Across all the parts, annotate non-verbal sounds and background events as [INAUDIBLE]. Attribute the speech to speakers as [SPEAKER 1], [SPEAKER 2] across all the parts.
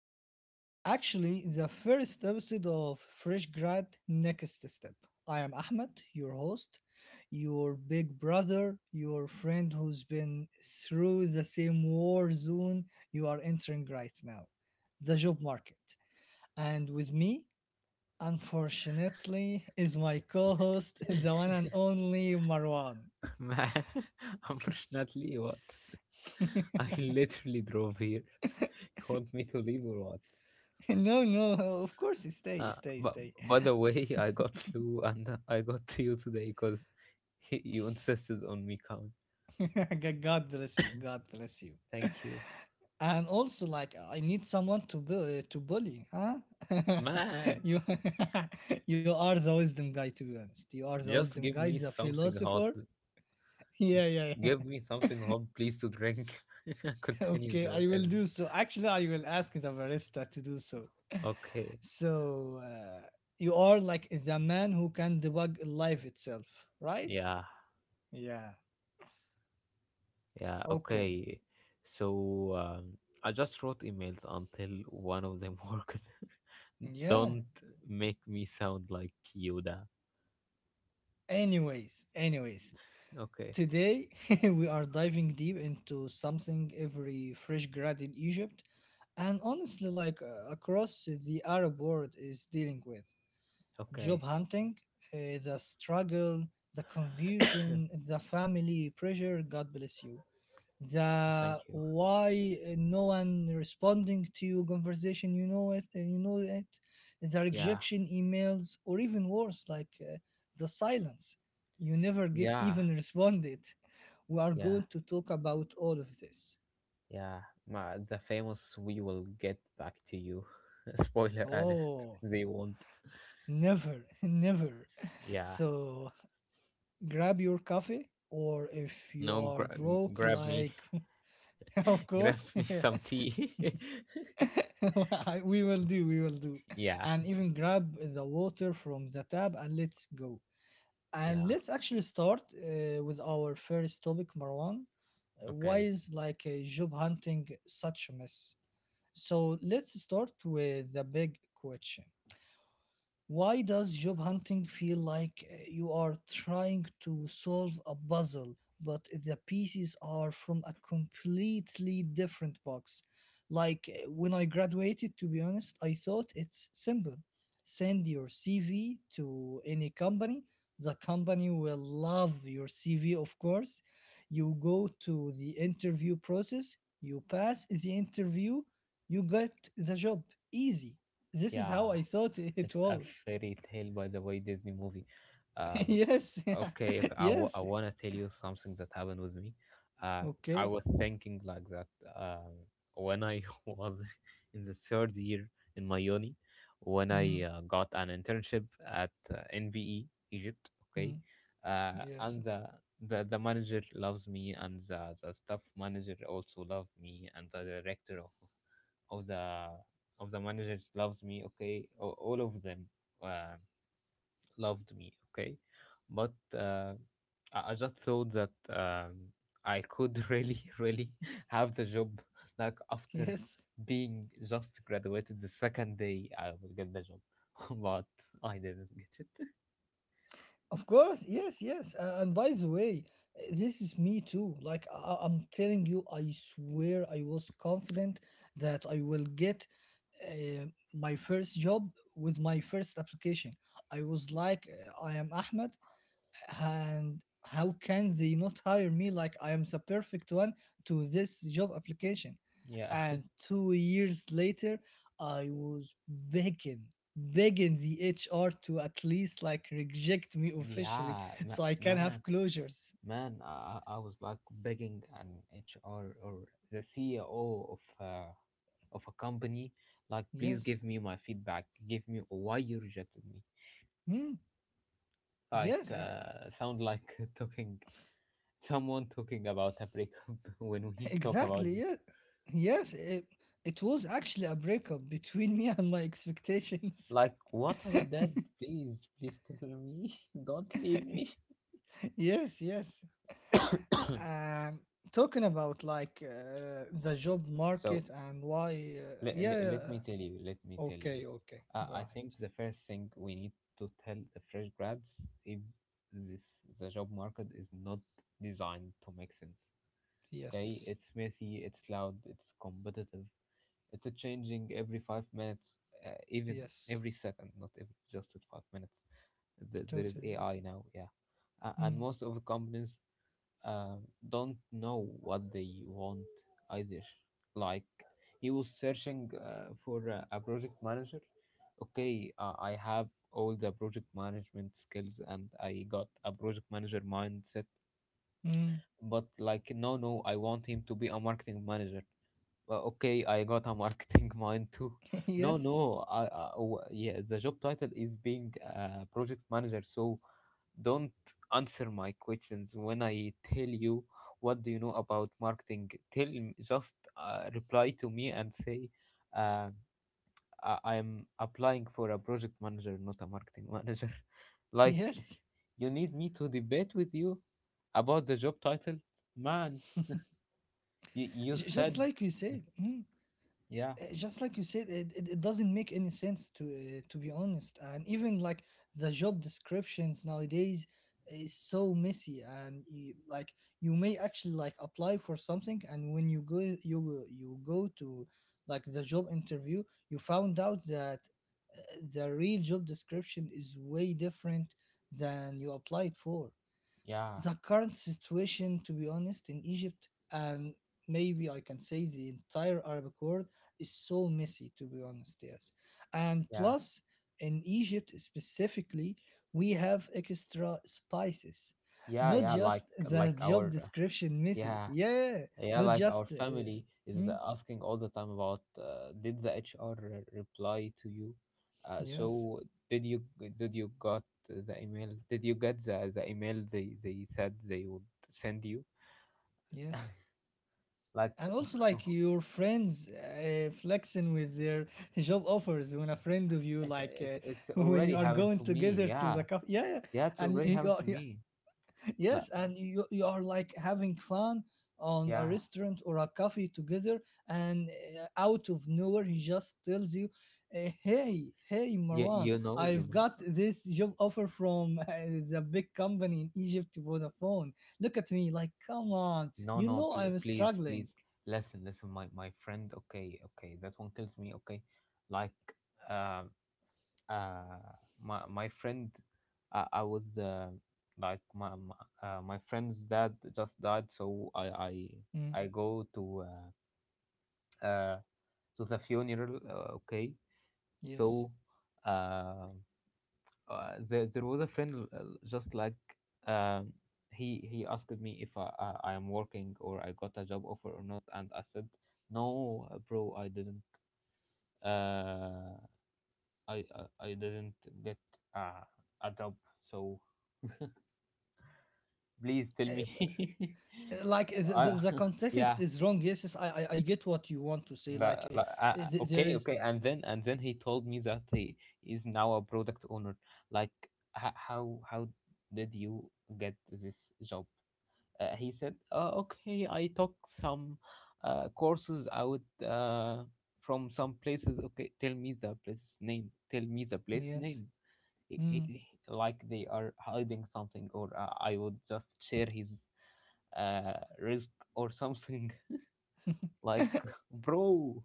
[SPEAKER 1] episode. Actually, the first episode of Fresh Grad Next Step. I am Ahmed, your host, your big brother, your friend who's been through the same war zone you are entering right now, the job market. And with me, unfortunately, is my co host, [LAUGHS] the one and only Marwan. [LAUGHS]
[SPEAKER 2] Man, [LAUGHS] unfortunately, what? I literally drove here. You want me to leave or what?
[SPEAKER 1] No, no, of course, stay, stay,
[SPEAKER 2] But
[SPEAKER 1] stay.
[SPEAKER 2] by the way, I got flu and I got [LAUGHS] to you today because [LAUGHS] you insisted on me coming.
[SPEAKER 1] [LAUGHS] God bless you. God bless you.
[SPEAKER 2] Thank you.
[SPEAKER 1] And also, like, I need someone to to bully, huh? [LAUGHS]
[SPEAKER 2] Man,
[SPEAKER 1] you [LAUGHS] you are the wisdom guy, to be honest. You are the
[SPEAKER 2] just
[SPEAKER 1] wisdom
[SPEAKER 2] give
[SPEAKER 1] guy,
[SPEAKER 2] me
[SPEAKER 1] the
[SPEAKER 2] something hot.
[SPEAKER 1] philosopher. [LAUGHS] Yeah, yeah, yeah.
[SPEAKER 2] Give me something hot, please, to drink. [LAUGHS]
[SPEAKER 1] [LAUGHS]
[SPEAKER 2] Continue
[SPEAKER 1] Okay,
[SPEAKER 2] the
[SPEAKER 1] I will
[SPEAKER 2] episode.
[SPEAKER 1] do so. Actually, I will ask the barista to do so.
[SPEAKER 2] Okay.
[SPEAKER 1] So uh, you are like the man who can debug life itself, right?
[SPEAKER 2] Yeah.
[SPEAKER 1] Yeah.
[SPEAKER 2] Yeah.
[SPEAKER 1] Okay.
[SPEAKER 2] Okay. So I just wrote emails until one of them [LAUGHS] worked.
[SPEAKER 1] Yeah.
[SPEAKER 2] Don't make me sound like Yoda.
[SPEAKER 1] Anyways,
[SPEAKER 2] Okay,
[SPEAKER 1] today, [LAUGHS] we are diving deep into something every fresh grad in Egypt and honestly, like across the Arab world, is dealing with: job
[SPEAKER 2] okay.
[SPEAKER 1] hunting, the struggle, the confusion,
[SPEAKER 2] [COUGHS]
[SPEAKER 1] the family pressure. God bless you. The
[SPEAKER 2] Thank you.
[SPEAKER 1] why no one responding to you conversation, you know it, the
[SPEAKER 2] Yeah,
[SPEAKER 1] rejection emails, or even worse, like the silence. You never get
[SPEAKER 2] yeah,
[SPEAKER 1] even [LAUGHS] responded. We are
[SPEAKER 2] yeah,
[SPEAKER 1] going to talk about all of this.
[SPEAKER 2] yeah. Ma, the famous "We will get back to you." [LAUGHS] Spoiler alert.
[SPEAKER 1] Oh,
[SPEAKER 2] They won't.
[SPEAKER 1] never, [LAUGHS] never.
[SPEAKER 2] Yeah.
[SPEAKER 1] So grab your coffee, or if you
[SPEAKER 2] No,
[SPEAKER 1] are broke,
[SPEAKER 2] grab me,
[SPEAKER 1] like, [LAUGHS] of
[SPEAKER 2] [LAUGHS] grab
[SPEAKER 1] course,
[SPEAKER 2] me some tea.
[SPEAKER 1] [LAUGHS] we will do, we will do.
[SPEAKER 2] [LAUGHS] Yeah,
[SPEAKER 1] And even grab the water from the tap and let's go. And
[SPEAKER 2] yeah.
[SPEAKER 1] let's actually start with our first topic, Marwan. Why
[SPEAKER 2] Okay.
[SPEAKER 1] is like job hunting such a mess? So let's start with the big question. Why does job hunting feel like you are trying to solve a puzzle, but the pieces are from a completely different box? Like when I graduated, to be honest, I thought it's simple. Send your CV to any company. The company will love your CV, of course. You go to the interview process, you pass the interview, you get the job. Easy, this is how
[SPEAKER 2] Yeah.
[SPEAKER 1] I thought it
[SPEAKER 2] It's a
[SPEAKER 1] was.
[SPEAKER 2] fairy tale, by the way, Disney movie.
[SPEAKER 1] [LAUGHS]
[SPEAKER 2] Um,
[SPEAKER 1] Yes, yeah,
[SPEAKER 2] okay, okay,
[SPEAKER 1] [LAUGHS]
[SPEAKER 2] I
[SPEAKER 1] yes,
[SPEAKER 2] want to tell you something that happened with me. Uh, I
[SPEAKER 1] okay.
[SPEAKER 2] was thinking like that, um, when I [LAUGHS] was in the third year in my uni, when I
[SPEAKER 1] Mm,
[SPEAKER 2] got an internship at NVE Egypt. Okay,
[SPEAKER 1] mm, yes,
[SPEAKER 2] and the manager loves me, and the staff manager also loved me, and the director of the of the managers loves me. Okay, all of them uh, loved me. Okay, but I just thought that, I could [LAUGHS] really have the job, like
[SPEAKER 1] [LAUGHS]
[SPEAKER 2] after
[SPEAKER 1] yes,
[SPEAKER 2] being just graduated, the second day I will get the job, [LAUGHS] but I didn't get it.
[SPEAKER 1] of course, yes, yes. And by the way, this is me too. Like, I'm telling you, I swear I was confident that I will get uh, my first job with my first application. I was like, I am Ahmed, and how can they not hire me? Like, I am the perfect one to this job application?
[SPEAKER 2] [LAUGHS] Yeah. [LAUGHS]
[SPEAKER 1] And 2 years later, I was begging, begging the HR to at least like reject me officially
[SPEAKER 2] Yeah,
[SPEAKER 1] so I can have
[SPEAKER 2] man.
[SPEAKER 1] closures.
[SPEAKER 2] Man, I was like begging an HR or the CEO of a company, like, please
[SPEAKER 1] Yes.
[SPEAKER 2] give me my feedback. Give me why you rejected me.
[SPEAKER 1] Hmm.
[SPEAKER 2] Like,
[SPEAKER 1] Yes, I-
[SPEAKER 2] sound like [LAUGHS] talking someone talking about a breakup [LAUGHS] when
[SPEAKER 1] [LAUGHS]
[SPEAKER 2] we talk about
[SPEAKER 1] exactly. Yeah.
[SPEAKER 2] this.
[SPEAKER 1] Yes, it was actually a breakup between [LAUGHS] me and my expectations.
[SPEAKER 2] Like, what I did, please, please tell me. [LAUGHS] Don't leave me.
[SPEAKER 1] [LAUGHS] Yes, yes. And talking about like the job
[SPEAKER 2] [COUGHS] So
[SPEAKER 1] market and why,
[SPEAKER 2] let, let, let me tell you let me tell you,
[SPEAKER 1] okay, okay, go
[SPEAKER 2] I
[SPEAKER 1] ahead.
[SPEAKER 2] think the first thing we need to tell the fresh grads is this: the job market is not designed to make sense. Okay,
[SPEAKER 1] Yes,
[SPEAKER 2] it's messy, it's loud, it's competitive, it's a changing every 5 minutes. Even
[SPEAKER 1] yes,
[SPEAKER 2] every second, not every just at 5 minutes. There is
[SPEAKER 1] totally.
[SPEAKER 2] AI now. Yeah.
[SPEAKER 1] Yeah.
[SPEAKER 2] And
[SPEAKER 1] Mm,
[SPEAKER 2] most of the companies uh, don't know what they want, either. Like, he was searching for a project manager. Okay, I have all the project management skills and I got a project manager mindset.
[SPEAKER 1] mm.
[SPEAKER 2] But like, no, no, I want him to be a marketing manager. Well, okay, I got a marketing [LAUGHS] mind too.
[SPEAKER 1] [LAUGHS]
[SPEAKER 2] No,
[SPEAKER 1] Yes,
[SPEAKER 2] no, yeah, the job title is being a project manager, so don't answer my questions when I tell you what do you know about marketing. Just reply to me and say, uh, I'm applying for a project manager, not a marketing manager. [LAUGHS] Like,
[SPEAKER 1] yes.
[SPEAKER 2] you need me to debate with you about the job title, man. You
[SPEAKER 1] [LAUGHS]
[SPEAKER 2] you
[SPEAKER 1] Just
[SPEAKER 2] said,
[SPEAKER 1] like you said. Mm.
[SPEAKER 2] yeah,
[SPEAKER 1] Just like you said, it, it doesn't make any sense to be honest, and even like the job descriptions nowadays is so messy, and you, like, you may actually like apply for something, and when you go, you go to like the job interview, you found out that the real job description is way different than you applied for.
[SPEAKER 2] yeah,
[SPEAKER 1] The current situation, to be honest, in Egypt and maybe I can say the entire Arabic world is so messy, to be honest, yes. And
[SPEAKER 2] yeah,
[SPEAKER 1] plus, in Egypt specifically, we have extra spices,
[SPEAKER 2] yeah,
[SPEAKER 1] not
[SPEAKER 2] yeah. like
[SPEAKER 1] just the
[SPEAKER 2] like
[SPEAKER 1] job
[SPEAKER 2] our
[SPEAKER 1] description misses.
[SPEAKER 2] yeah
[SPEAKER 1] Yeah,
[SPEAKER 2] yeah
[SPEAKER 1] not
[SPEAKER 2] like our
[SPEAKER 1] just.
[SPEAKER 2] family is asking all the time about, did the HR reply to you? uh,
[SPEAKER 1] Yes,
[SPEAKER 2] so did you, did you got the email, did you get the email they said they would send you?
[SPEAKER 1] yes.
[SPEAKER 2] Like,
[SPEAKER 1] And also like your friends flexing with their [LAUGHS] job offers when a friend of you
[SPEAKER 2] it's,
[SPEAKER 1] like
[SPEAKER 2] it, it's
[SPEAKER 1] [LAUGHS] when
[SPEAKER 2] already
[SPEAKER 1] you are
[SPEAKER 2] happened
[SPEAKER 1] going
[SPEAKER 2] to me.
[SPEAKER 1] together to
[SPEAKER 2] Yeah.
[SPEAKER 1] the cup, yeah, yeah.
[SPEAKER 2] Yeah, it's
[SPEAKER 1] and
[SPEAKER 2] already
[SPEAKER 1] you, you
[SPEAKER 2] happened
[SPEAKER 1] are,
[SPEAKER 2] to
[SPEAKER 1] yeah,
[SPEAKER 2] me.
[SPEAKER 1] [LAUGHS]
[SPEAKER 2] Like,
[SPEAKER 1] yes, and you are like having fun on a
[SPEAKER 2] yeah.
[SPEAKER 1] restaurant or a coffee together, and out of nowhere he just tells you, hey, hey,
[SPEAKER 2] you,
[SPEAKER 1] Marwan,
[SPEAKER 2] you know you
[SPEAKER 1] I've
[SPEAKER 2] know
[SPEAKER 1] got this job offer from [LAUGHS] the big company in Egypt, Vodafone. Look at me like, come on,
[SPEAKER 2] No,
[SPEAKER 1] you
[SPEAKER 2] no,
[SPEAKER 1] know
[SPEAKER 2] pl-
[SPEAKER 1] I'm
[SPEAKER 2] please
[SPEAKER 1] struggling.
[SPEAKER 2] please listen, my friend. Okay, okay, that one kills me. Okay. Like, um. uh my friend, I was, like, my friend's dad just died, so
[SPEAKER 1] Hmm.
[SPEAKER 2] I go to, uh to the funeral, okay.
[SPEAKER 1] Yes.
[SPEAKER 2] So, uh, there was a friend, just like, um he asked me if I am working or I got a job offer or not, and I said no. Bro, I didn't, uh I didn't get, uh, a job. So please tell
[SPEAKER 1] Eh, b-
[SPEAKER 2] me.
[SPEAKER 1] Like,
[SPEAKER 2] [LAUGHS] I,
[SPEAKER 1] the
[SPEAKER 2] [LAUGHS]
[SPEAKER 1] context
[SPEAKER 2] yeah.
[SPEAKER 1] is wrong. Yes, yes, I, I get what you want to say. Like
[SPEAKER 2] That, like,
[SPEAKER 1] there
[SPEAKER 2] okay,
[SPEAKER 1] is
[SPEAKER 2] okay. And then he told me that he is now a product owner. Like, how did you get this job? He said, okay, I took some courses out from some places. Okay, tell me the place name. Tell me the place
[SPEAKER 1] yes.
[SPEAKER 2] name. I- I-
[SPEAKER 1] Mm.
[SPEAKER 2] I- like, they are hiding something, or I would just share his risk or something. [LAUGHS] Like,
[SPEAKER 1] [LAUGHS]
[SPEAKER 2] bro.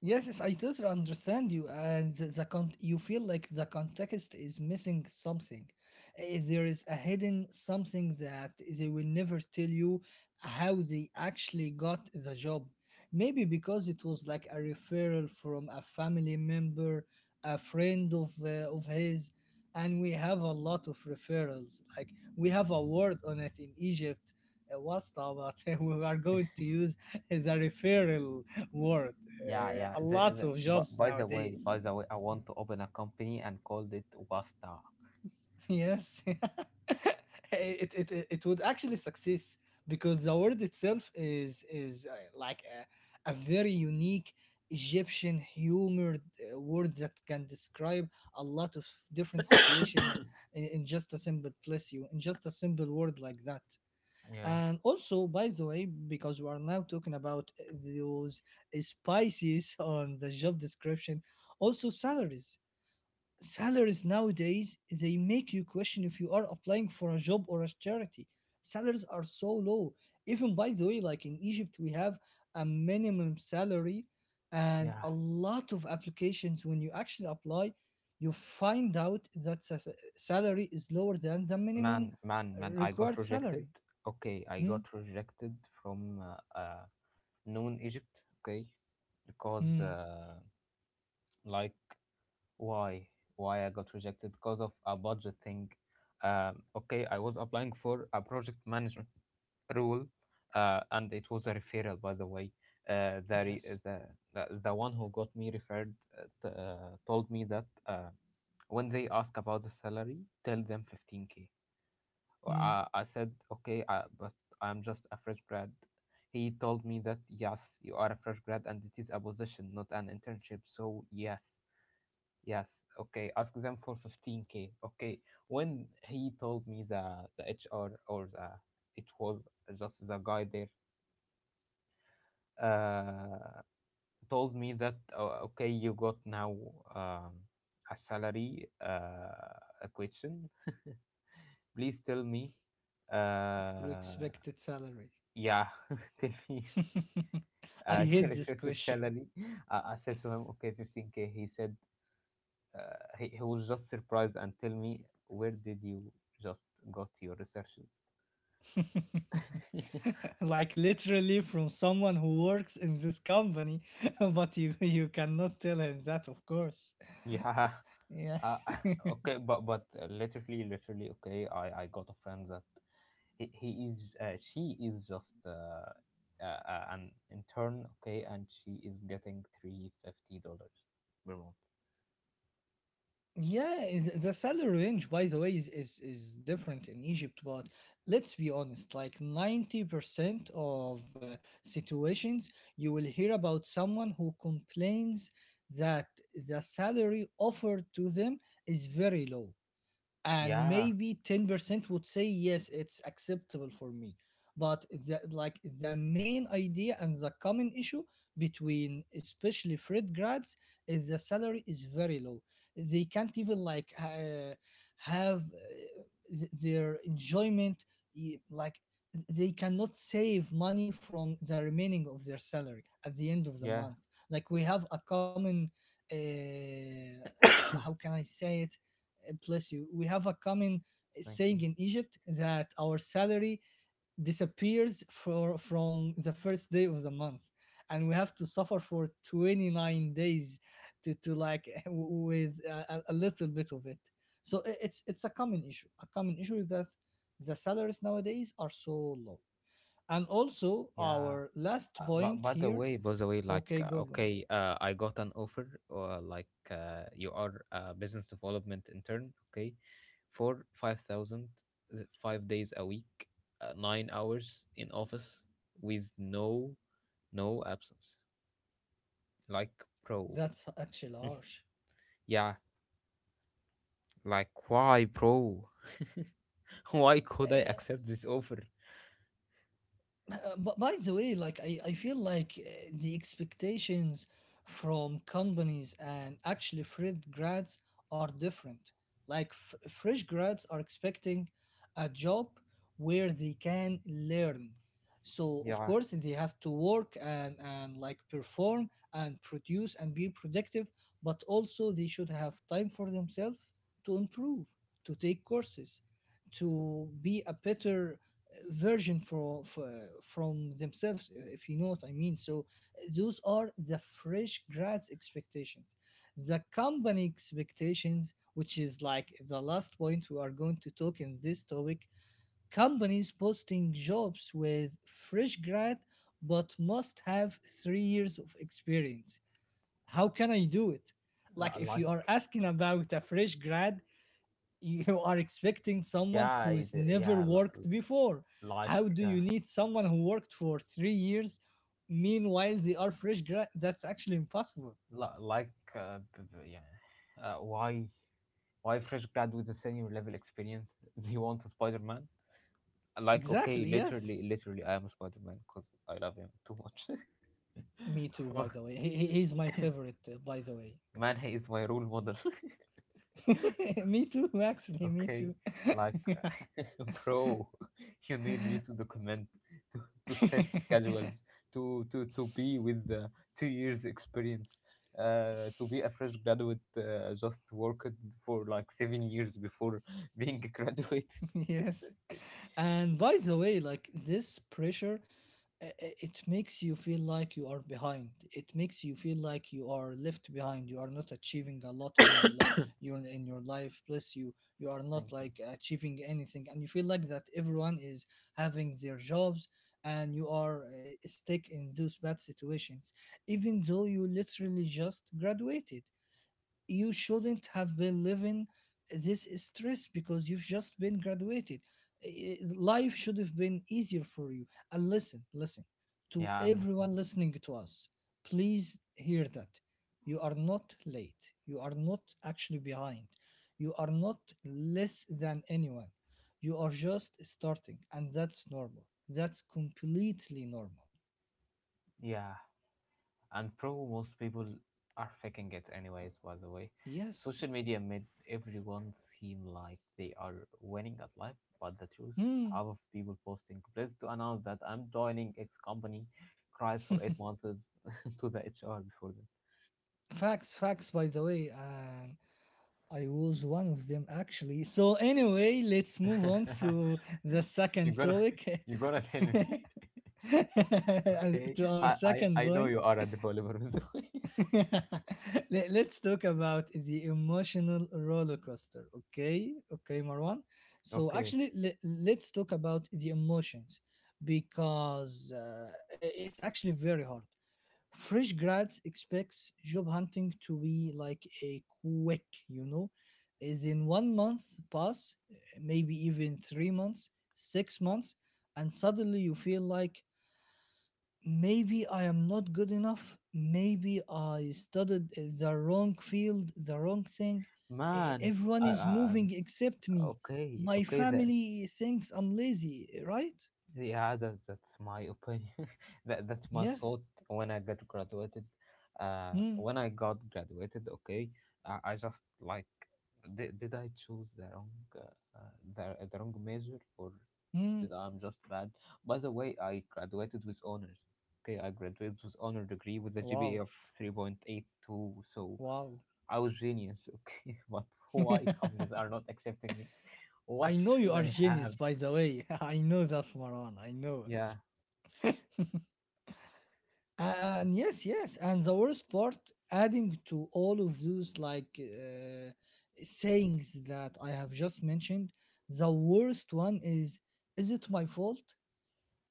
[SPEAKER 1] Yes, yes, I totally understand you, and the you feel like the context is missing something. There is a hidden something that they will never tell you how they actually got the job. Maybe because it was like a referral from a family member, a friend of his, and we have a lot of referrals. Like we have a word on it in Egypt, wasta, but [LAUGHS] we are going to use the referral word
[SPEAKER 2] Yeah, yeah.
[SPEAKER 1] a lot of
[SPEAKER 2] But
[SPEAKER 1] jobs
[SPEAKER 2] by the way
[SPEAKER 1] nowadays.
[SPEAKER 2] by
[SPEAKER 1] [LAUGHS]
[SPEAKER 2] the way I want to open a company and called it wasta.
[SPEAKER 1] Yes, [LAUGHS] it would actually succeed because the word itself is like a very unique Egyptian humor word that can describe a lot of different situations in just a simple, bless you, in just a simple word like that.
[SPEAKER 2] Yeah,
[SPEAKER 1] And also, by the way, because we are now talking about those spices [LAUGHS] on the job description, also salaries. Salaries nowadays, they make you question if you are applying for a job or a charity. Salaries are so low. Even by the way, like in Egypt we have a minimum salary, and
[SPEAKER 2] yeah.
[SPEAKER 1] a lot of applications, when you actually apply, you find out that salary is lower than the
[SPEAKER 2] man
[SPEAKER 1] minimum
[SPEAKER 2] man man I got
[SPEAKER 1] required
[SPEAKER 2] rejected.
[SPEAKER 1] salary.
[SPEAKER 2] Okay, I
[SPEAKER 1] Mm?
[SPEAKER 2] got rejected from, known Egypt. Okay. Because,
[SPEAKER 1] Mm.
[SPEAKER 2] like, why why I got rejected? Because of a budget thing. Okay, I was applying for a project management rule, and it was a referral, by the way. The, re-
[SPEAKER 1] Yes,
[SPEAKER 2] the one who got me referred, told me that, when they ask about the salary, tell them 15K. Well,
[SPEAKER 1] mm.
[SPEAKER 2] I said, okay, but I'm just a fresh grad. He told me that, yes, you are a fresh grad, and it is a position, not an internship. So yes, yes, okay, ask them for 15k. Okay, when he told me, the HR, or, the it was just the guy there, uh, told me that, "Oh, okay, you got now, um, a salary, a question. [LAUGHS] Please tell me,
[SPEAKER 1] Your
[SPEAKER 2] uh,
[SPEAKER 1] expected salary?
[SPEAKER 2] yeah, [LAUGHS] tell me,
[SPEAKER 1] [LAUGHS] I
[SPEAKER 2] [LAUGHS]
[SPEAKER 1] hate
[SPEAKER 2] your
[SPEAKER 1] this
[SPEAKER 2] expected
[SPEAKER 1] question.
[SPEAKER 2] salary." I said to him, okay, 15k. He said, he was just surprised and tell me, where did you just got your researches? [LAUGHS]
[SPEAKER 1] [LAUGHS] Like, literally from someone who works in this company. [LAUGHS] But you cannot tell him that, of course.
[SPEAKER 2] Yeah.
[SPEAKER 1] Yeah.
[SPEAKER 2] uh, [LAUGHS] okay, but literally, okay, I got a friend that, he is she is just, an intern. Okay, and she is getting $350 per month.
[SPEAKER 1] [LAUGHS] Yeah, the salary range, by the way, is different in Egypt, but let's be honest, like 90% of situations, you will hear about someone who complains that the salary offered to them is very low, and
[SPEAKER 2] Yeah,
[SPEAKER 1] maybe 10% would say yes, it's acceptable for me. But the, like the main idea and the common issue between especially fred grads is the salary is very low. They can't even like have their enjoyment, like they cannot save money from the remaining of their salary at the end of the
[SPEAKER 2] yeah.
[SPEAKER 1] month. Like we have a common uh,
[SPEAKER 2] [COUGHS]
[SPEAKER 1] how can I say it, bless you, we have a common
[SPEAKER 2] Thank
[SPEAKER 1] saying
[SPEAKER 2] you.
[SPEAKER 1] in Egypt that our salary disappears for from the first day of the month, and we have to suffer for 29 days to like [LAUGHS] with a little bit of it. So it's a common issue. A common issue is that the salaries nowadays are so low. And also
[SPEAKER 2] Yeah.
[SPEAKER 1] our last
[SPEAKER 2] But
[SPEAKER 1] point
[SPEAKER 2] by the
[SPEAKER 1] here,
[SPEAKER 2] way by the way like,
[SPEAKER 1] okay, go, go,
[SPEAKER 2] okay, I got an offer, like, you are a business development intern. Okay, for 5,000, 5 days a week, 9 hours in office with no absence. Like, pro.
[SPEAKER 1] that's actually harsh.
[SPEAKER 2] Yeah, like, why, bro? [LAUGHS] Why could I
[SPEAKER 1] Eh,
[SPEAKER 2] accept this offer?
[SPEAKER 1] But by the way, like I feel like the expectations from companies and actually fresh grads are different. Like fresh grads are expecting a job where they can learn. So of
[SPEAKER 2] Yeah.
[SPEAKER 1] course they have to work, and like perform and produce and be productive, but also they should have time for themselves to improve, to take courses, to be a better version for from themselves, if you know what I mean. So those are the fresh grads expectations. The company expectations, which is like the last point we are going to talk in this topic, companies posting jobs with fresh grad but must have 3 years of experience. How can I do it? Like,
[SPEAKER 2] Li-
[SPEAKER 1] if you are
[SPEAKER 2] like
[SPEAKER 1] asking about a fresh grad, you are expecting someone
[SPEAKER 2] yeah
[SPEAKER 1] who's
[SPEAKER 2] it-
[SPEAKER 1] never
[SPEAKER 2] yeah
[SPEAKER 1] worked
[SPEAKER 2] li-
[SPEAKER 1] before.
[SPEAKER 2] like
[SPEAKER 1] How do
[SPEAKER 2] uh,
[SPEAKER 1] you need someone who worked for 3 years? Meanwhile, they are fresh grad. That's actually impossible.
[SPEAKER 2] li- like yeah, why fresh grad with a senior level experience? [LAUGHS] They want a Spider-Man. Like, okay,
[SPEAKER 1] Exactly. Yes.
[SPEAKER 2] literally, I am a Spider-Man because I love him too much. [LAUGHS]
[SPEAKER 1] Me too.
[SPEAKER 2] But,
[SPEAKER 1] By the way, he's my favorite. Uh, by the way,
[SPEAKER 2] man, he is my role model. [LAUGHS]
[SPEAKER 1] [LAUGHS] me too. Actually, me
[SPEAKER 2] Okay,
[SPEAKER 1] too.
[SPEAKER 2] like, [LAUGHS] bro, [LAUGHS] you need me to document, to, to set
[SPEAKER 1] [LAUGHS]
[SPEAKER 2] schedules, to be with the 2 years experience, to be a fresh graduate, just worked for like 7 years before [LAUGHS] being a graduate.
[SPEAKER 1] [LAUGHS] yes. And by the way, like this pressure, it makes you feel like you are behind. It makes you feel like you are left behind. You are not achieving a lot in
[SPEAKER 2] [COUGHS]
[SPEAKER 1] your life. You're in your life, plus you are
[SPEAKER 2] Thank
[SPEAKER 1] not
[SPEAKER 2] you.
[SPEAKER 1] like achieving anything, and you feel like that everyone is having their jobs, and you are stuck in those bad situations, even though you literally just graduated. You shouldn't have been living this stress because you've just been graduated. Life should have been easier for you. And listen, listen to
[SPEAKER 2] Yeah, I'm listening.
[SPEAKER 1] everyone listening to us. Please hear that. You are not late. You are not actually behind. You are not less than anyone. You are just starting, and that's normal. That's completely normal.
[SPEAKER 2] Yeah, and probably most people are faking it anyways, by the way.
[SPEAKER 1] Yes.
[SPEAKER 2] Social media made everyone seem like they are winning at life, but the truth,
[SPEAKER 1] Hmm.
[SPEAKER 2] half of people posting, "Pleased to announce that I'm joining X company," cried for 8 months [LAUGHS] to the HR before
[SPEAKER 1] Facts, facts, by the way. And I was one of them actually. So anyway, let's move on
[SPEAKER 2] that.
[SPEAKER 1] to the
[SPEAKER 2] [LAUGHS] You're
[SPEAKER 1] second
[SPEAKER 2] gonna,
[SPEAKER 1] topic,
[SPEAKER 2] you're gonna tell
[SPEAKER 1] [LAUGHS]
[SPEAKER 2] me. [LAUGHS]
[SPEAKER 1] to
[SPEAKER 2] Okay,
[SPEAKER 1] our
[SPEAKER 2] I, I
[SPEAKER 1] second
[SPEAKER 2] i know
[SPEAKER 1] point.
[SPEAKER 2] you are a developer, by the way.
[SPEAKER 1] [LAUGHS] Let's talk about the emotional roller coaster. Okay, okay, Marwan.
[SPEAKER 2] [LAUGHS]
[SPEAKER 1] So
[SPEAKER 2] Okay,
[SPEAKER 1] actually, let's talk about the emotions because it's actually very hard. Fresh grads expects job hunting to be like a quick, you know is in 1 month pass, maybe even 3 months 6 months, and suddenly you feel like maybe I am not good enough, maybe I studied the wrong field, the wrong thing.
[SPEAKER 2] man,
[SPEAKER 1] Everyone
[SPEAKER 2] I,
[SPEAKER 1] is
[SPEAKER 2] I,
[SPEAKER 1] moving
[SPEAKER 2] I'm-
[SPEAKER 1] except me,
[SPEAKER 2] okay,
[SPEAKER 1] my
[SPEAKER 2] okay, the.
[SPEAKER 1] family thinks I'm lazy, right?
[SPEAKER 2] Yeah, that's my opinion. [LAUGHS] That's my
[SPEAKER 1] Yes.
[SPEAKER 2] thought when I got graduated.
[SPEAKER 1] Hmm.
[SPEAKER 2] When I got graduated, okay, I just like, did I choose the wrong, uh, the wrong major, or
[SPEAKER 1] Hmm.
[SPEAKER 2] did I'm just bad? By the way, I graduated with honors. Okay, I graduated with honor degree with a
[SPEAKER 1] Wow.
[SPEAKER 2] GPA of 3.82, so
[SPEAKER 1] Wow.
[SPEAKER 2] I was genius. Okay, [LAUGHS] but why companies
[SPEAKER 1] [LAUGHS]
[SPEAKER 2] are not accepting me?
[SPEAKER 1] I
[SPEAKER 2] What
[SPEAKER 1] know you
[SPEAKER 2] should
[SPEAKER 1] are
[SPEAKER 2] I
[SPEAKER 1] genius,
[SPEAKER 2] have?
[SPEAKER 1] by the way. [LAUGHS] I know that, Maran. I know
[SPEAKER 2] Yeah,
[SPEAKER 1] it. And yes, yes. And the worst part, adding to all of those like sayings that I have just mentioned, the worst one is it my fault?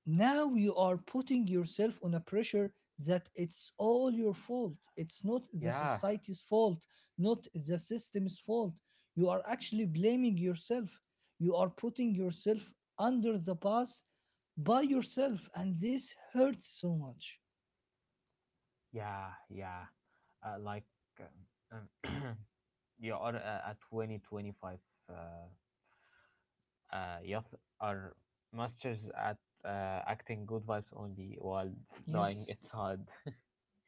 [SPEAKER 1] Now you are putting yourself on a pressure that it's all your fault, it's not the
[SPEAKER 2] yeah.
[SPEAKER 1] society's fault, not the system's fault, you are actually blaming yourself, you are putting yourself under the bus by yourself, and this hurts so much.
[SPEAKER 2] Yeah, yeah. Like, um, um, [CLEARS THROAT] you are, at 20, 25. 25. Youth are masters at, acting good vibes only while [LAUGHS] knowing
[SPEAKER 1] Yes,
[SPEAKER 2] it's hard.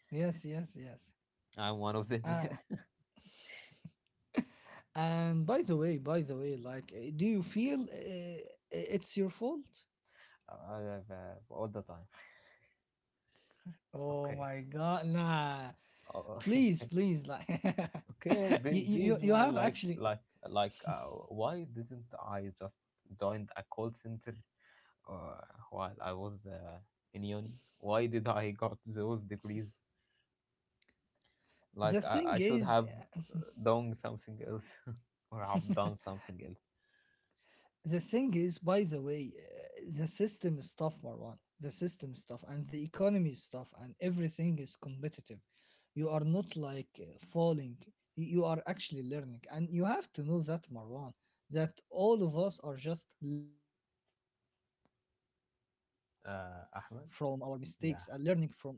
[SPEAKER 1] yes, yes, yes.
[SPEAKER 2] [LAUGHS] I'm one of them,
[SPEAKER 1] uh,
[SPEAKER 2] yeah.
[SPEAKER 1] and by the way do you feel it's your fault?
[SPEAKER 2] [LAUGHS] I have, all the time.
[SPEAKER 1] Oh
[SPEAKER 2] Okay.
[SPEAKER 1] my god, nah,
[SPEAKER 2] Oh,
[SPEAKER 1] please,
[SPEAKER 2] [LAUGHS]
[SPEAKER 1] please, like, [LAUGHS]
[SPEAKER 2] okay,
[SPEAKER 1] you,
[SPEAKER 2] then
[SPEAKER 1] you
[SPEAKER 2] please,
[SPEAKER 1] you
[SPEAKER 2] man.
[SPEAKER 1] have actually—
[SPEAKER 2] Why didn't I just join a call center, uh, while I was, in uni? Why did I got those degrees?
[SPEAKER 1] the
[SPEAKER 2] Like, I,
[SPEAKER 1] thing
[SPEAKER 2] I should
[SPEAKER 1] is,
[SPEAKER 2] have, uh, done something else, [LAUGHS] or have done
[SPEAKER 1] [LAUGHS]
[SPEAKER 2] something else.
[SPEAKER 1] the thing is, by the way the system is tough, Marwan, the system stuff and the economy stuff and everything is competitive. You are not like falling. You are actually learning, and you have to know that, Marwan, that all of us are just learning from our mistakes and learning from our
[SPEAKER 2] Ahmed.
[SPEAKER 1] life
[SPEAKER 2] Yeah.
[SPEAKER 1] experiences.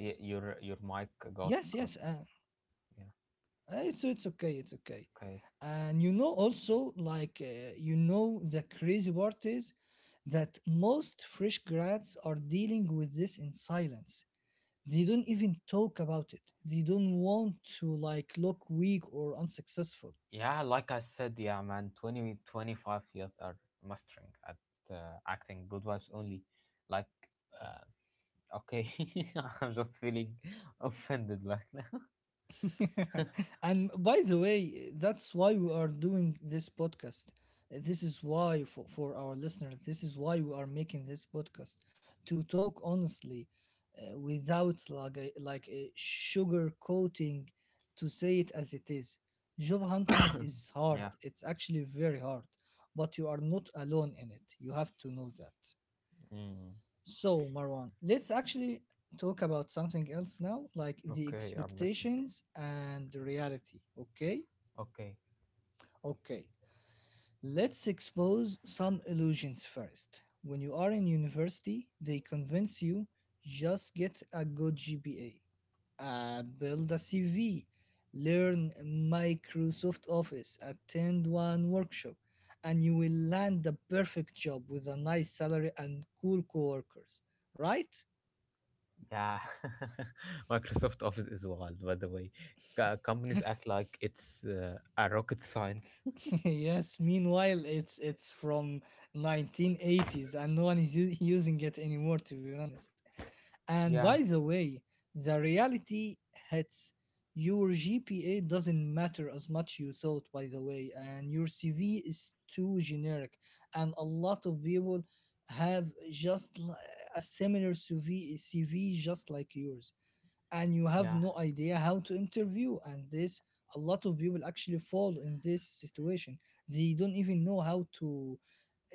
[SPEAKER 2] Y-
[SPEAKER 1] Yes,
[SPEAKER 2] your your
[SPEAKER 1] yes.
[SPEAKER 2] mic got got. Yeah.
[SPEAKER 1] It's okay, it's okay.
[SPEAKER 2] Okay.
[SPEAKER 1] And you know, also you know, the crazy part is that most fresh grads are dealing with this in silence. They don't even talk about it. They don't want to like look weak or unsuccessful.
[SPEAKER 2] Yeah, like I said, yeah, man, 20 25 years are mastering at, acting good vibes only. Like, uh, okay, [LAUGHS] I'm just feeling offended, like. [LAUGHS]
[SPEAKER 1] [LAUGHS] And by the way, that's why we are doing this podcast. This is why, for our listeners, this is why we are making this podcast, to talk honestly without like a sugar coating, to say it as it is. Job
[SPEAKER 2] [COUGHS]
[SPEAKER 1] hunting is hard,
[SPEAKER 2] Yeah.
[SPEAKER 1] it's actually very hard, but you are not alone in it. You have to know that.
[SPEAKER 2] Mm.
[SPEAKER 1] So, Marwan, let's actually talk about something else now, like the
[SPEAKER 2] Okay, I'm listening.
[SPEAKER 1] expectations and the reality. Okay?
[SPEAKER 2] Okay.
[SPEAKER 1] Okay. Let's expose some illusions first. When you are in university, they convince you: just get a good GPA, build a CV, learn Microsoft Office, attend one workshop, and you will land the perfect job with a nice salary and cool coworkers, right?
[SPEAKER 2] Yeah, [LAUGHS] Microsoft Office is wild, by the way. Companies act like it's, a rocket science. [LAUGHS]
[SPEAKER 1] [LAUGHS] Yes, meanwhile it's from 1980s and no one is using it anymore, to be honest. And
[SPEAKER 2] Yeah.
[SPEAKER 1] by the way, the reality hits. Your GPA doesn't matter as much you thought, by the way, and your CV is too generic, and a lot of people have just li- a similar CV just like yours, and you have
[SPEAKER 2] Yeah,
[SPEAKER 1] no idea how to interview, and this— a lot of people actually fall in this situation, they don't even know how to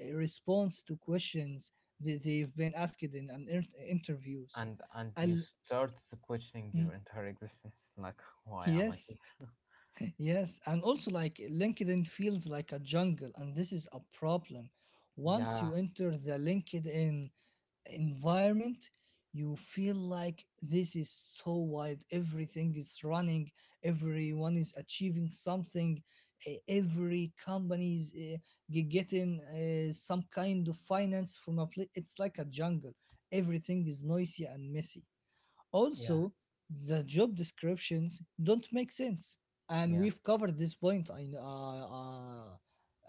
[SPEAKER 1] respond to questions that they've been asked in an interviews.
[SPEAKER 2] and you
[SPEAKER 1] Al-
[SPEAKER 2] start to questioning your
[SPEAKER 1] mm,
[SPEAKER 2] entire existence. Like, why am I
[SPEAKER 1] yes,
[SPEAKER 2] here?
[SPEAKER 1] yes. And also like LinkedIn feels like a jungle, and this is a problem. Once
[SPEAKER 2] Yeah,
[SPEAKER 1] you enter the LinkedIn environment, you feel like this is so wide, everything is running, everyone is achieving something, every company is getting some kind of finance from a place. It's like a jungle, everything is noisy and messy.
[SPEAKER 2] yeah,
[SPEAKER 1] Also, the job descriptions don't make sense, and
[SPEAKER 2] yeah,
[SPEAKER 1] we've covered this point. I kn- uh, uh,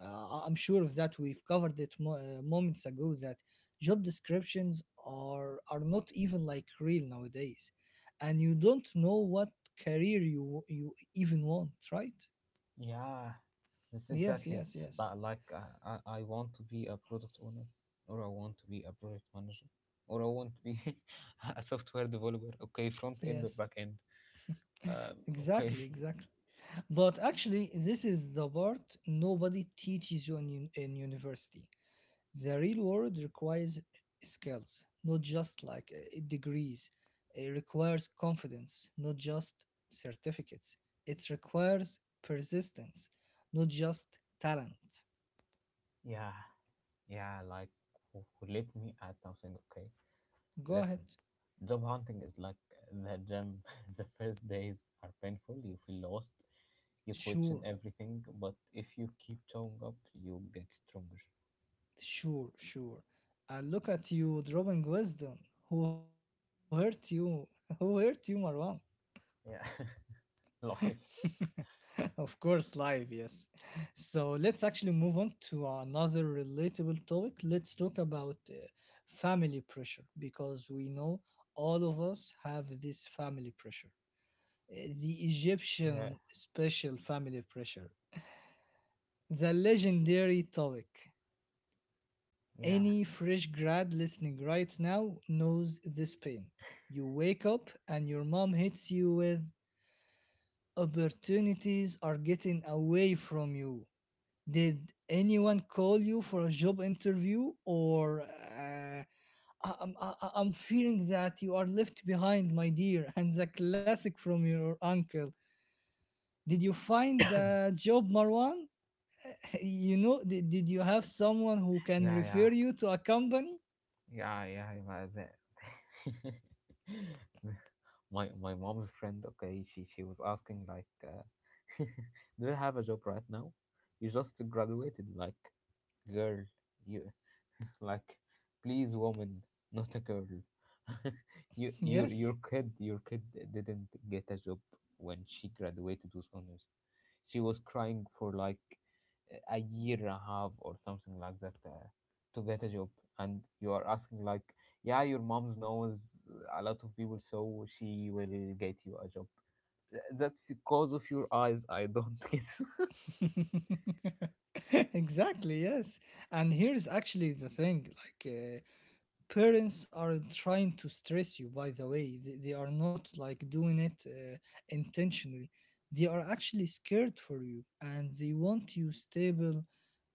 [SPEAKER 1] uh, I'm sure of that. We've covered it moments ago that job descriptions are not even like real nowadays, and you don't know what career you even want, right?
[SPEAKER 2] yeah. That's
[SPEAKER 1] Yes,
[SPEAKER 2] exactly.
[SPEAKER 1] yes, yes,
[SPEAKER 2] But like, I want to be a product owner, or I want to be a project manager, or I want to be [LAUGHS] a software developer. Okay, front end or
[SPEAKER 1] yes.
[SPEAKER 2] back end. Okay.
[SPEAKER 1] Exactly, exactly. But actually, this is the part nobody teaches you in, in university. The real world requires skills, not just like degrees. It requires confidence, not just certificates. It requires persistence, not just talent.
[SPEAKER 2] [LAUGHS] Yeah. Yeah, like, let me add something, okay?
[SPEAKER 1] Go ahead.
[SPEAKER 2] Listen, job hunting is like the gym. [LAUGHS] The first days are painful, you feel lost, you question
[SPEAKER 1] Sure,
[SPEAKER 2] everything, but if you keep showing up, you get stronger.
[SPEAKER 1] sure, sure. I look at you dropping wisdom. Who hurt you? [LAUGHS] Who hurt you, Marwan?
[SPEAKER 2] Yeah, [LAUGHS] life.
[SPEAKER 1] [LAUGHS] Of course, live, yes. So let's actually move on to another relatable topic. Let's talk about family pressure, because we know all of us have this family pressure. Uh, The
[SPEAKER 2] Yeah,
[SPEAKER 1] Egyptian special family pressure, the legendary topic.
[SPEAKER 2] yeah,
[SPEAKER 1] Any fresh grad listening right now knows this pain. You wake up and your mom hits you with: opportunities are getting away from you, did anyone call you for a job interview, or I'm fearing that you are left behind, my dear? [LAUGHS] And the classic from your uncle: did you
[SPEAKER 2] [COUGHS]
[SPEAKER 1] find
[SPEAKER 2] yeah,
[SPEAKER 1] a job, Marwan? [LAUGHS] You know, did you have someone who can
[SPEAKER 2] yeah,
[SPEAKER 1] refer you to a company?
[SPEAKER 2] yeah, yeah, yeah, that. [LAUGHS] My mom's friend, okay, she was asking like, [LAUGHS] do you have a job right now? You just graduated, like. Girl, you, [LAUGHS] like, please, woman, not a girl. [LAUGHS] You, your
[SPEAKER 1] Yes.
[SPEAKER 2] kid didn't get a job when she graduated with honors. She was crying for like a year and a half or something like that, to get a job, and you are asking like, yeah, your mom knows a lot of people so she will get you a job. That's because of your eyes. I don't [LAUGHS] get.
[SPEAKER 1] [LAUGHS] Exactly, yes. And here's actually the thing, parents are trying to stress you, by the way, they are not like doing it intentionally, they are actually scared for you and they want you stable,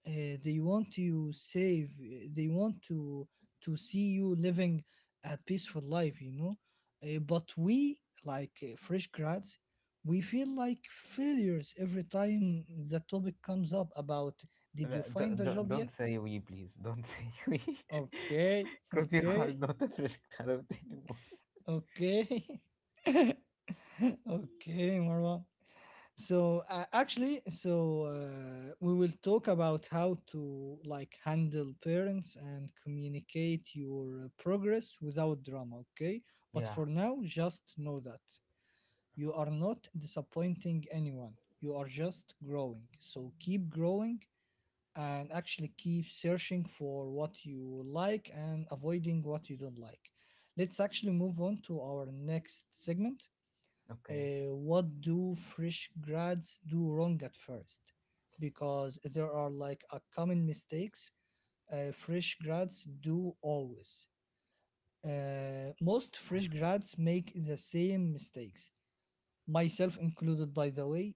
[SPEAKER 1] they want you safe, they want to— to see you living a peaceful life, you know. But we, like fresh grads, we feel like failures every time the topic comes up about: did you find a job
[SPEAKER 2] Don't
[SPEAKER 1] yet?
[SPEAKER 2] say we, please. Don't say [LAUGHS] we.
[SPEAKER 1] Okay. [LAUGHS]
[SPEAKER 2] Because you are
[SPEAKER 1] Okay.
[SPEAKER 2] not a fresh graduate anymore.
[SPEAKER 1] Okay. [LAUGHS] Okay, Marwan. So actually, so we will talk about how to like handle parents and communicate your progress without drama, okay? But
[SPEAKER 2] Yeah,
[SPEAKER 1] for now, just know that you are not disappointing anyone. You are just growing. So keep growing, and actually keep searching for what you like and avoiding what you don't like. Let's actually move on to our next segment.
[SPEAKER 2] okay,
[SPEAKER 1] What do fresh grads do wrong at first? Because there are like a common mistakes fresh grads do always. Most fresh grads make the same mistakes, myself included, by the way,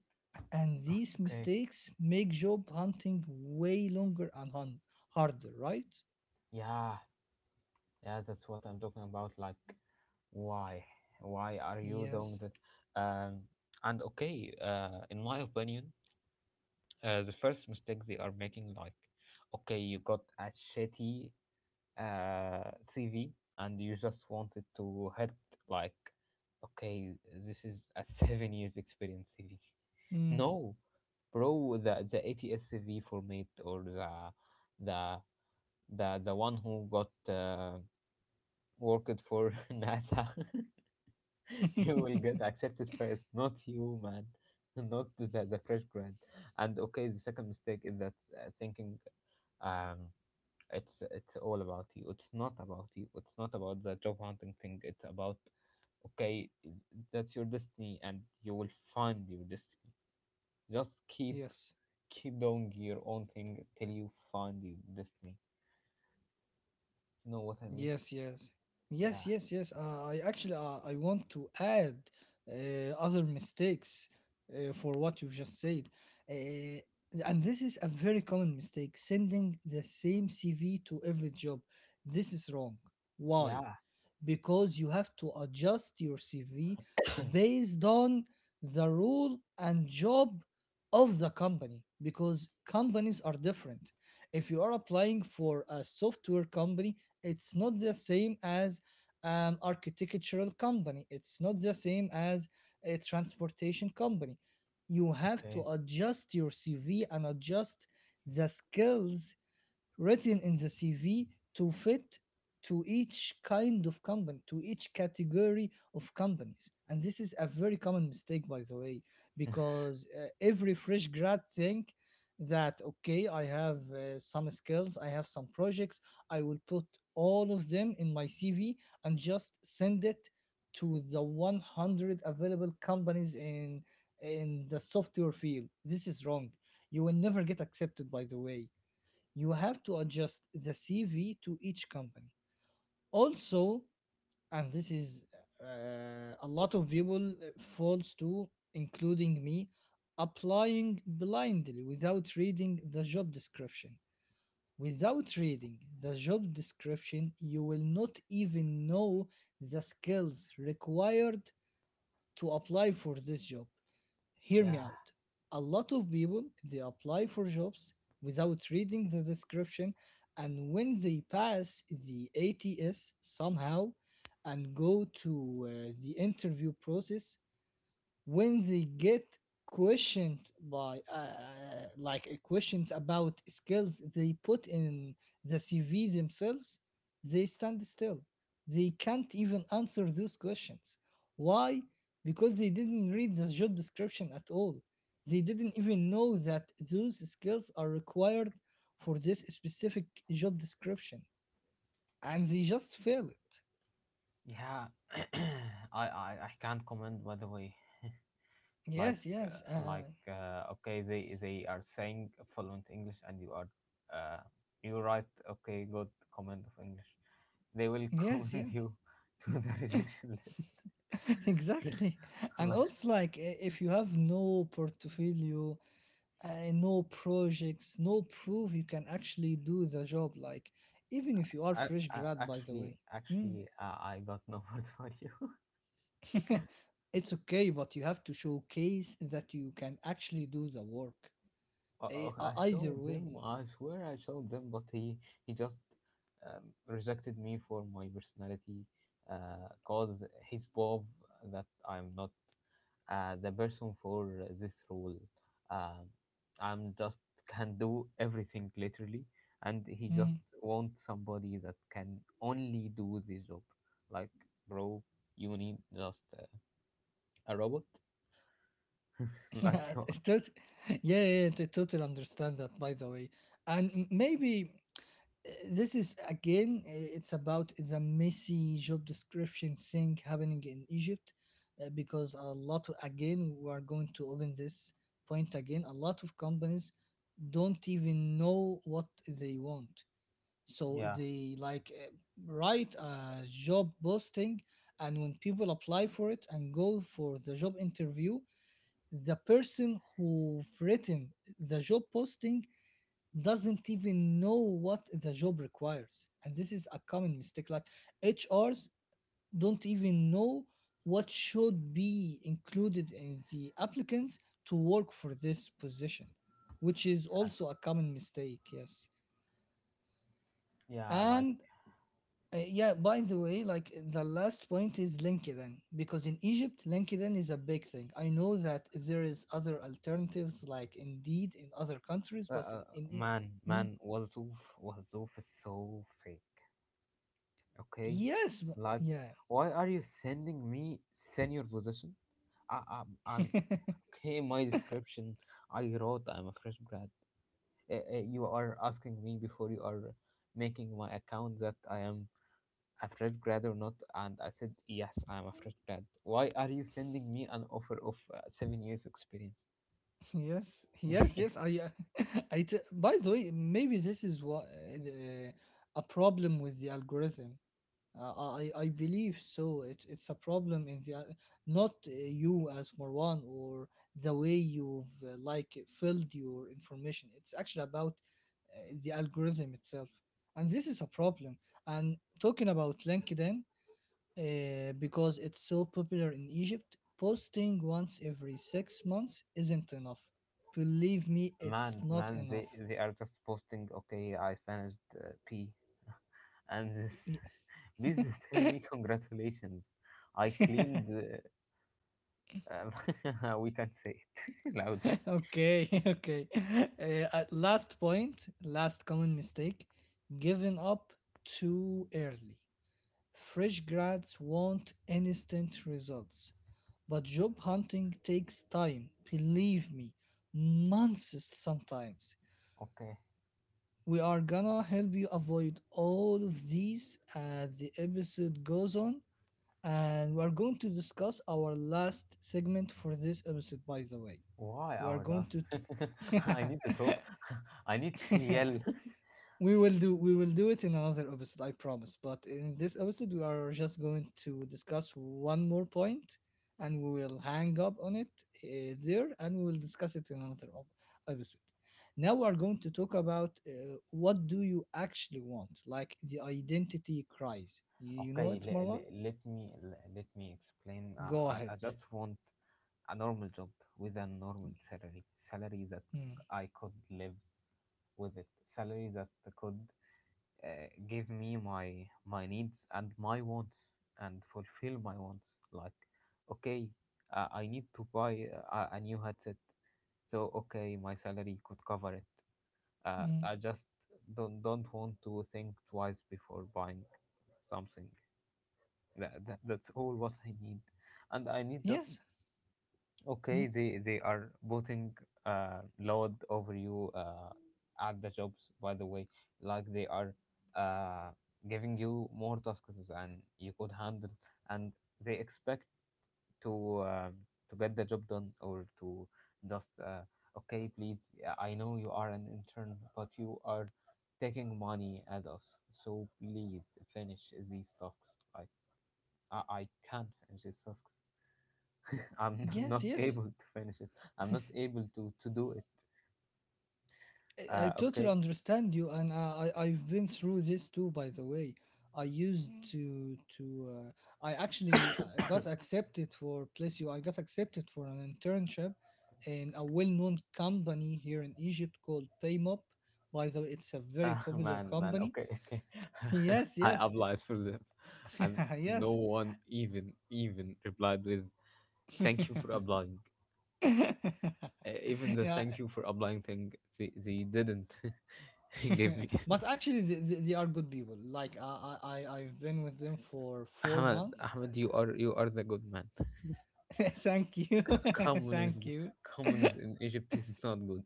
[SPEAKER 1] and these
[SPEAKER 2] okay.
[SPEAKER 1] mistakes make job hunting way longer and harder, right?
[SPEAKER 2] Yeah, yeah, that's what I'm talking about. Like, why? Why are you doing
[SPEAKER 1] Yes.
[SPEAKER 2] that? Um, and okay, in my opinion, the first mistake they are making, like, okay, you got a shitty CV and you just wanted to hit like, okay, this is a [LAUGHS] 7 years experience CV.
[SPEAKER 1] Mm.
[SPEAKER 2] No, bro, the ATS CV format, or the the one who got worked for [LAUGHS] nasa. [LAUGHS] He will
[SPEAKER 1] [LAUGHS]
[SPEAKER 2] get accepted first, not you, man, [LAUGHS] not the fresh grad. And okay, the second mistake is that thinking um, it's all about you. It's not about you. It's not about the job hunting thing. It's about, okay, that's your destiny, and you will find your destiny. Just keep
[SPEAKER 1] Yes.
[SPEAKER 2] keep doing your own thing till you find your destiny. You know what I mean?
[SPEAKER 1] Yes, yes, yes,
[SPEAKER 2] Yeah.
[SPEAKER 1] yes, yes. I actually, I want to add other mistakes for what you've just said, uh, and this is a very common mistake: sending the same CV to every job. This is wrong. Why?
[SPEAKER 2] Yeah.
[SPEAKER 1] Because you have to adjust your CV
[SPEAKER 2] [COUGHS]
[SPEAKER 1] based on the role and job of the company, because companies are different. If you are applying for a software company, it's not the same as an architectural company, it's not the same as a transportation company. You have to
[SPEAKER 2] Okay.
[SPEAKER 1] adjust your CV and adjust the skills written in the CV to fit to each kind of company, to each category of companies. And this is a very common mistake, by the way,
[SPEAKER 2] [LAUGHS]
[SPEAKER 1] because every fresh grad think that okay, I have some skills, I have some projects, I will put all of them in my CV and just send it to the 100 available companies in the software field. This is wrong. You will never get accepted, by the way. You have to adjust the CV to each company. Also, and this is a lot of people falls to, including me: applying blindly without reading the job description. Without reading the job description, you will not even know the skills required to apply for this job. Hear me
[SPEAKER 2] Yeah,
[SPEAKER 1] out. A lot of people they apply for jobs without reading the description, and when they pass the ATS somehow and go to the interview process, when they get questioned by questions about skills they put in the CV themselves, they stand still, they can't even answer those questions. Why? Because they didn't read the job description at all, they didn't even know that those skills are required for this specific job description, and they just fail it.
[SPEAKER 2] yeah. [COUGHS] [CLEARS THROAT] I can't comment, by the way.
[SPEAKER 1] Yes,
[SPEAKER 2] like
[SPEAKER 1] yes.
[SPEAKER 2] okay, they are saying fluent english and you are, uh, you write okay, good comment of english. They will [LAUGHS]
[SPEAKER 1] Yes,
[SPEAKER 2] comment
[SPEAKER 1] yes.
[SPEAKER 2] you to the rejection list.
[SPEAKER 1] [LAUGHS] Exactly.
[SPEAKER 2] [LAUGHS]
[SPEAKER 1] And
[SPEAKER 2] Like,
[SPEAKER 1] also, like, if you have no portfolio, no projects, no proof, you can actually do the job. Like, even if you are
[SPEAKER 2] I,
[SPEAKER 1] fresh
[SPEAKER 2] I
[SPEAKER 1] grad, by the way,
[SPEAKER 2] actually
[SPEAKER 1] Mm.
[SPEAKER 2] actually I got no [LAUGHS] word for you.
[SPEAKER 1] [LAUGHS] it's okay, but you have to showcase that you can actually do the work.
[SPEAKER 2] I
[SPEAKER 1] Either
[SPEAKER 2] showed
[SPEAKER 1] way.
[SPEAKER 2] them, I swear I showed them, but he just rejected me for my personality, cause he's bob that I'm not the person for this role. Um, I'm just can do everything literally, and he just
[SPEAKER 1] Mm.
[SPEAKER 2] wants somebody that can only do this job. Like, bro, you need just a robot.
[SPEAKER 1] [LAUGHS]
[SPEAKER 2] [LAUGHS] Like,
[SPEAKER 1] Yeah,
[SPEAKER 2] you,
[SPEAKER 1] Tot- yeah, yeah, I totally understand that, by the way. And maybe. This is again it's about the messy job description thing happening in Egypt, because a lot of, again, we are going to open this point again. A lot of companies don't even know what they want, so
[SPEAKER 2] yeah,
[SPEAKER 1] they like write a job posting, and when people apply for it and go for the job interview, the person who've written the job posting doesn't even know what the job requires. And this is a common mistake, like HRs don't even know what should be included in the applicants to work for this position, which is also a common mistake. Yes,
[SPEAKER 2] yeah, like.
[SPEAKER 1] and yeah, by the way, like the last point is LinkedIn, because in Egypt LinkedIn is a big thing. I know that there is other alternatives like Indeed in other countries,
[SPEAKER 2] Uh,
[SPEAKER 1] but
[SPEAKER 2] uh,
[SPEAKER 1] in E-
[SPEAKER 2] Man,
[SPEAKER 1] Hmm?
[SPEAKER 2] man, Wazoof, Wazoof is so fake. Okay,
[SPEAKER 1] Yes,
[SPEAKER 2] like,
[SPEAKER 1] yeah.
[SPEAKER 2] why are you sending me senior position? I'm
[SPEAKER 1] [LAUGHS]
[SPEAKER 2] okay. My description I wrote I'm a fresh grad. You are asking me before you are making my account that I am a fresh grad or not, and I said yes, I am a fresh grad. Why are you sending me an offer of 7 years experience?
[SPEAKER 1] Yes, yes, yes.
[SPEAKER 2] [LAUGHS]
[SPEAKER 1] I, [LAUGHS] by the way, maybe this is what a problem with the algorithm. I believe so. It's a problem in the al-, not you as Marwan or the way you've like filled your information. It's actually about the algorithm itself, and this is a problem. And talking about LinkedIn, because it's so popular in Egypt, posting once every 6 months isn't enough. Believe me,
[SPEAKER 2] Man,
[SPEAKER 1] it's not
[SPEAKER 2] man, they
[SPEAKER 1] enough.
[SPEAKER 2] they are just posting. Okay, I finished P, and this.
[SPEAKER 1] Y-
[SPEAKER 2] [LAUGHS] Please tell me
[SPEAKER 1] [LAUGHS]
[SPEAKER 2] congratulations. I cleaned. [LAUGHS] We can say it [LAUGHS] loudly.
[SPEAKER 1] okay, [LAUGHS] okay. At last point, last common mistake: giving up too early. Fresh grads want instant results, but job hunting takes time. Believe me, months sometimes.
[SPEAKER 2] Okay.
[SPEAKER 1] We are gonna help you avoid all of these as the episode goes on, and we are going to discuss our last segment for this episode, by the way.
[SPEAKER 2] Why
[SPEAKER 1] We are
[SPEAKER 2] our
[SPEAKER 1] going
[SPEAKER 2] last?
[SPEAKER 1] to.
[SPEAKER 2] [LAUGHS] I need to talk. [LAUGHS] I need to
[SPEAKER 1] T- [LAUGHS]
[SPEAKER 2] yell.
[SPEAKER 1] We will do it in another episode, I promise. But in this episode, we are just going to discuss one more point, and we will hang up on it there, and we will discuss it in another op- episode. Now we are going to talk about what do you actually want, like the identity crisis. You know
[SPEAKER 2] Okay,
[SPEAKER 1] it, Marwan?
[SPEAKER 2] let me explain. Uh,
[SPEAKER 1] Go ahead.
[SPEAKER 2] I, I just want a normal job with a normal salary, salary that
[SPEAKER 1] Mm.
[SPEAKER 2] I could live with it, salary that could give me my needs and my wants and fulfill my wants. Like, okay, I need to buy a new headset, so okay, my salary could cover it.
[SPEAKER 1] Mm.
[SPEAKER 2] I just don't want to think twice before buying something that's all [LAUGHS] what I need, and I need just
[SPEAKER 1] Yes. Mm.
[SPEAKER 2] okay. They are putting load over you at the jobs. By the way, like, they are uh giving you more tasks than you could handle, and they expect to um, to get the job done or to just, okay, please, I know you are an intern but you are taking money at us, so please finish these tasks. Like, I can't finish this task. I'm [LAUGHS]
[SPEAKER 1] Yes.
[SPEAKER 2] not
[SPEAKER 1] Yes.
[SPEAKER 2] able to finish it. I'm not able to do it.
[SPEAKER 1] I totally
[SPEAKER 2] Okay,
[SPEAKER 1] understand you, and I've been through this too. By the way, I used Mhm. To I actually
[SPEAKER 2] [COUGHS]
[SPEAKER 1] got accepted for place. You. I got accepted for an internship in a well-known company here in Egypt called Paymop. By the way, it's a very popular
[SPEAKER 2] man, man.
[SPEAKER 1] company.
[SPEAKER 2] Okay, okay.
[SPEAKER 1] [LAUGHS]
[SPEAKER 2] [LAUGHS]
[SPEAKER 1] Yes,
[SPEAKER 2] I
[SPEAKER 1] yes,
[SPEAKER 2] applied for them, and
[SPEAKER 1] [LAUGHS]
[SPEAKER 2] no
[SPEAKER 1] yes.
[SPEAKER 2] one even replied with thank you for
[SPEAKER 1] [LAUGHS]
[SPEAKER 2] applying. Even the
[SPEAKER 1] yeah,
[SPEAKER 2] thank you for applying thing, they didn't [LAUGHS] give me. [LAUGHS]
[SPEAKER 1] [LAUGHS] but actually, they are good people. Like I've been with them for four
[SPEAKER 2] Ahmed,
[SPEAKER 1] months
[SPEAKER 2] Ahmed, you are the good man.
[SPEAKER 1] [LAUGHS] Thank you. [LAUGHS]
[SPEAKER 2] C-
[SPEAKER 1] Thank
[SPEAKER 2] communism,
[SPEAKER 1] you.
[SPEAKER 2] Communism in Egypt is not good.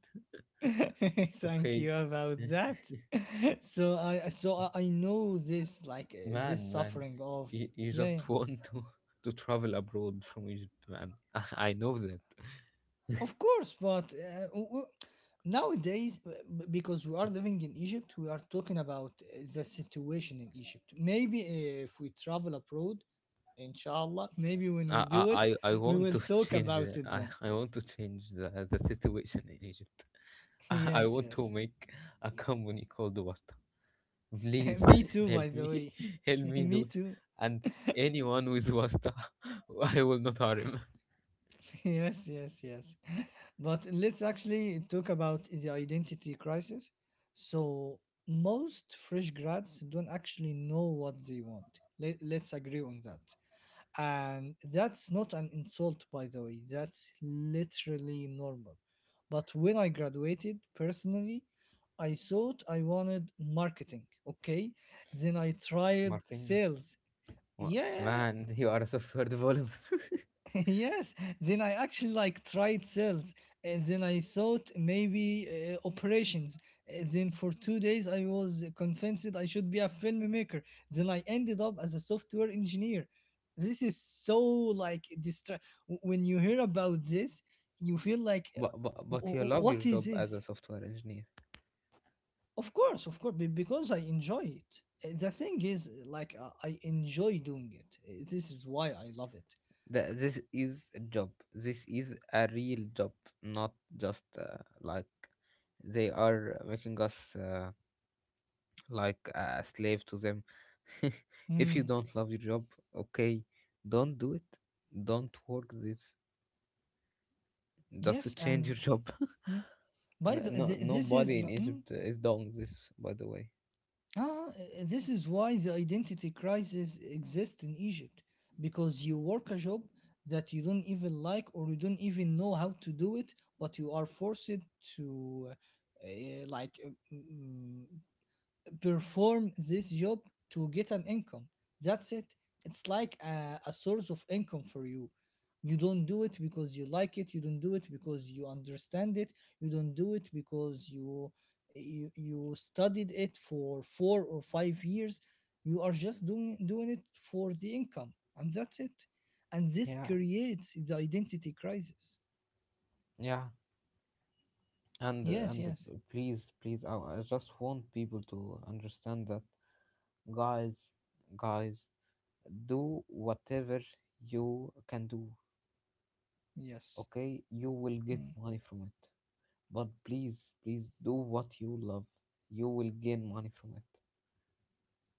[SPEAKER 1] [LAUGHS] Thank
[SPEAKER 2] Okay.
[SPEAKER 1] you about
[SPEAKER 2] [LAUGHS]
[SPEAKER 1] that. [LAUGHS] So I know this like this
[SPEAKER 2] Man, man,
[SPEAKER 1] suffering of
[SPEAKER 2] you
[SPEAKER 1] yeah, yeah.
[SPEAKER 2] just [LAUGHS] want to travel abroad from Egypt, man. [LAUGHS] I know that.
[SPEAKER 1] Of course, but nowadays, because we are living in Egypt, we are talking about the situation in Egypt. Maybe if we travel abroad, inshallah,
[SPEAKER 2] [LAUGHS]
[SPEAKER 1] maybe when we
[SPEAKER 2] I,
[SPEAKER 1] do
[SPEAKER 2] I,
[SPEAKER 1] it,
[SPEAKER 2] I I
[SPEAKER 1] we
[SPEAKER 2] want
[SPEAKER 1] will
[SPEAKER 2] to [LAUGHS]
[SPEAKER 1] talk
[SPEAKER 2] change.
[SPEAKER 1] about
[SPEAKER 2] The,
[SPEAKER 1] it
[SPEAKER 2] I,
[SPEAKER 1] then.
[SPEAKER 2] I want to change the situation in Egypt.
[SPEAKER 1] [LAUGHS]
[SPEAKER 2] [LAUGHS] I
[SPEAKER 1] Yes,
[SPEAKER 2] want to
[SPEAKER 1] yes.
[SPEAKER 2] make a company called Wasta.
[SPEAKER 1] [LAUGHS]
[SPEAKER 2] Please
[SPEAKER 1] Me
[SPEAKER 2] [LAUGHS]
[SPEAKER 1] too,
[SPEAKER 2] help
[SPEAKER 1] by the
[SPEAKER 2] me,
[SPEAKER 1] way.
[SPEAKER 2] [LAUGHS] help
[SPEAKER 1] [LAUGHS]
[SPEAKER 2] me do
[SPEAKER 1] Me
[SPEAKER 2] it.
[SPEAKER 1] too.
[SPEAKER 2] And anyone with Wasta, [LAUGHS] I will not harm him.
[SPEAKER 1] [LAUGHS] Yes, yes, yes. But let's actually talk about the identity crisis. So, most fresh grads don't actually know what they want. Let's agree on that. And that's not an insult, by the way, that's literally normal. But when I graduated personally, I thought I wanted marketing, okay? Then I tried
[SPEAKER 2] Marketing,
[SPEAKER 1] sales. Yeah,
[SPEAKER 2] Man, you are a software developer.
[SPEAKER 1] [LAUGHS] yes, then I actually like tried sales, and then I thought maybe operations. Then for 2 days I was convinced I should be a filmmaker. Then I ended up as a software engineer. This is so like distra- w- when you hear about this, you feel like,
[SPEAKER 2] [LAUGHS] but, but but you love your
[SPEAKER 1] what is
[SPEAKER 2] job as a
[SPEAKER 1] this?
[SPEAKER 2] software engineer.
[SPEAKER 1] Of course, be- because I enjoy it. The thing is, like I enjoy doing it. This is why I love it.
[SPEAKER 2] This is a job. This is a real job, not just like they are making us like a slave to them. [LAUGHS] If you
[SPEAKER 1] Mm,
[SPEAKER 2] don't love your job, okay, don't do it. Don't work this.
[SPEAKER 1] yes,
[SPEAKER 2] Just change
[SPEAKER 1] and.
[SPEAKER 2] your job.
[SPEAKER 1] Hmm?
[SPEAKER 2] [LAUGHS]
[SPEAKER 1] By
[SPEAKER 2] No,
[SPEAKER 1] the,
[SPEAKER 2] no,
[SPEAKER 1] th- this is
[SPEAKER 2] nobody in
[SPEAKER 1] l- mm,
[SPEAKER 2] Egypt is doing this, by the way.
[SPEAKER 1] ah, this is why the identity crisis exists in Egypt, because you work a job that you don't even like or you don't even know how to do it, but you are forced to like mm, perform this job to get an income. That's it. It's like a source of income for you. You don't do it because you like it. You don't do it because you understand it. You don't do it because you you studied it for 4 or 5 years. You are just doing it for the income, and that's it. And this
[SPEAKER 2] Yeah,
[SPEAKER 1] creates the identity crisis.
[SPEAKER 2] yeah. And
[SPEAKER 1] Yes,
[SPEAKER 2] and
[SPEAKER 1] yes,
[SPEAKER 2] please, please, I just want people to understand that, guys, guys, do whatever you can do.
[SPEAKER 1] yes.
[SPEAKER 2] Okay, you will get
[SPEAKER 1] Mm.
[SPEAKER 2] money from it, but please, please do what you love, you will gain money from it.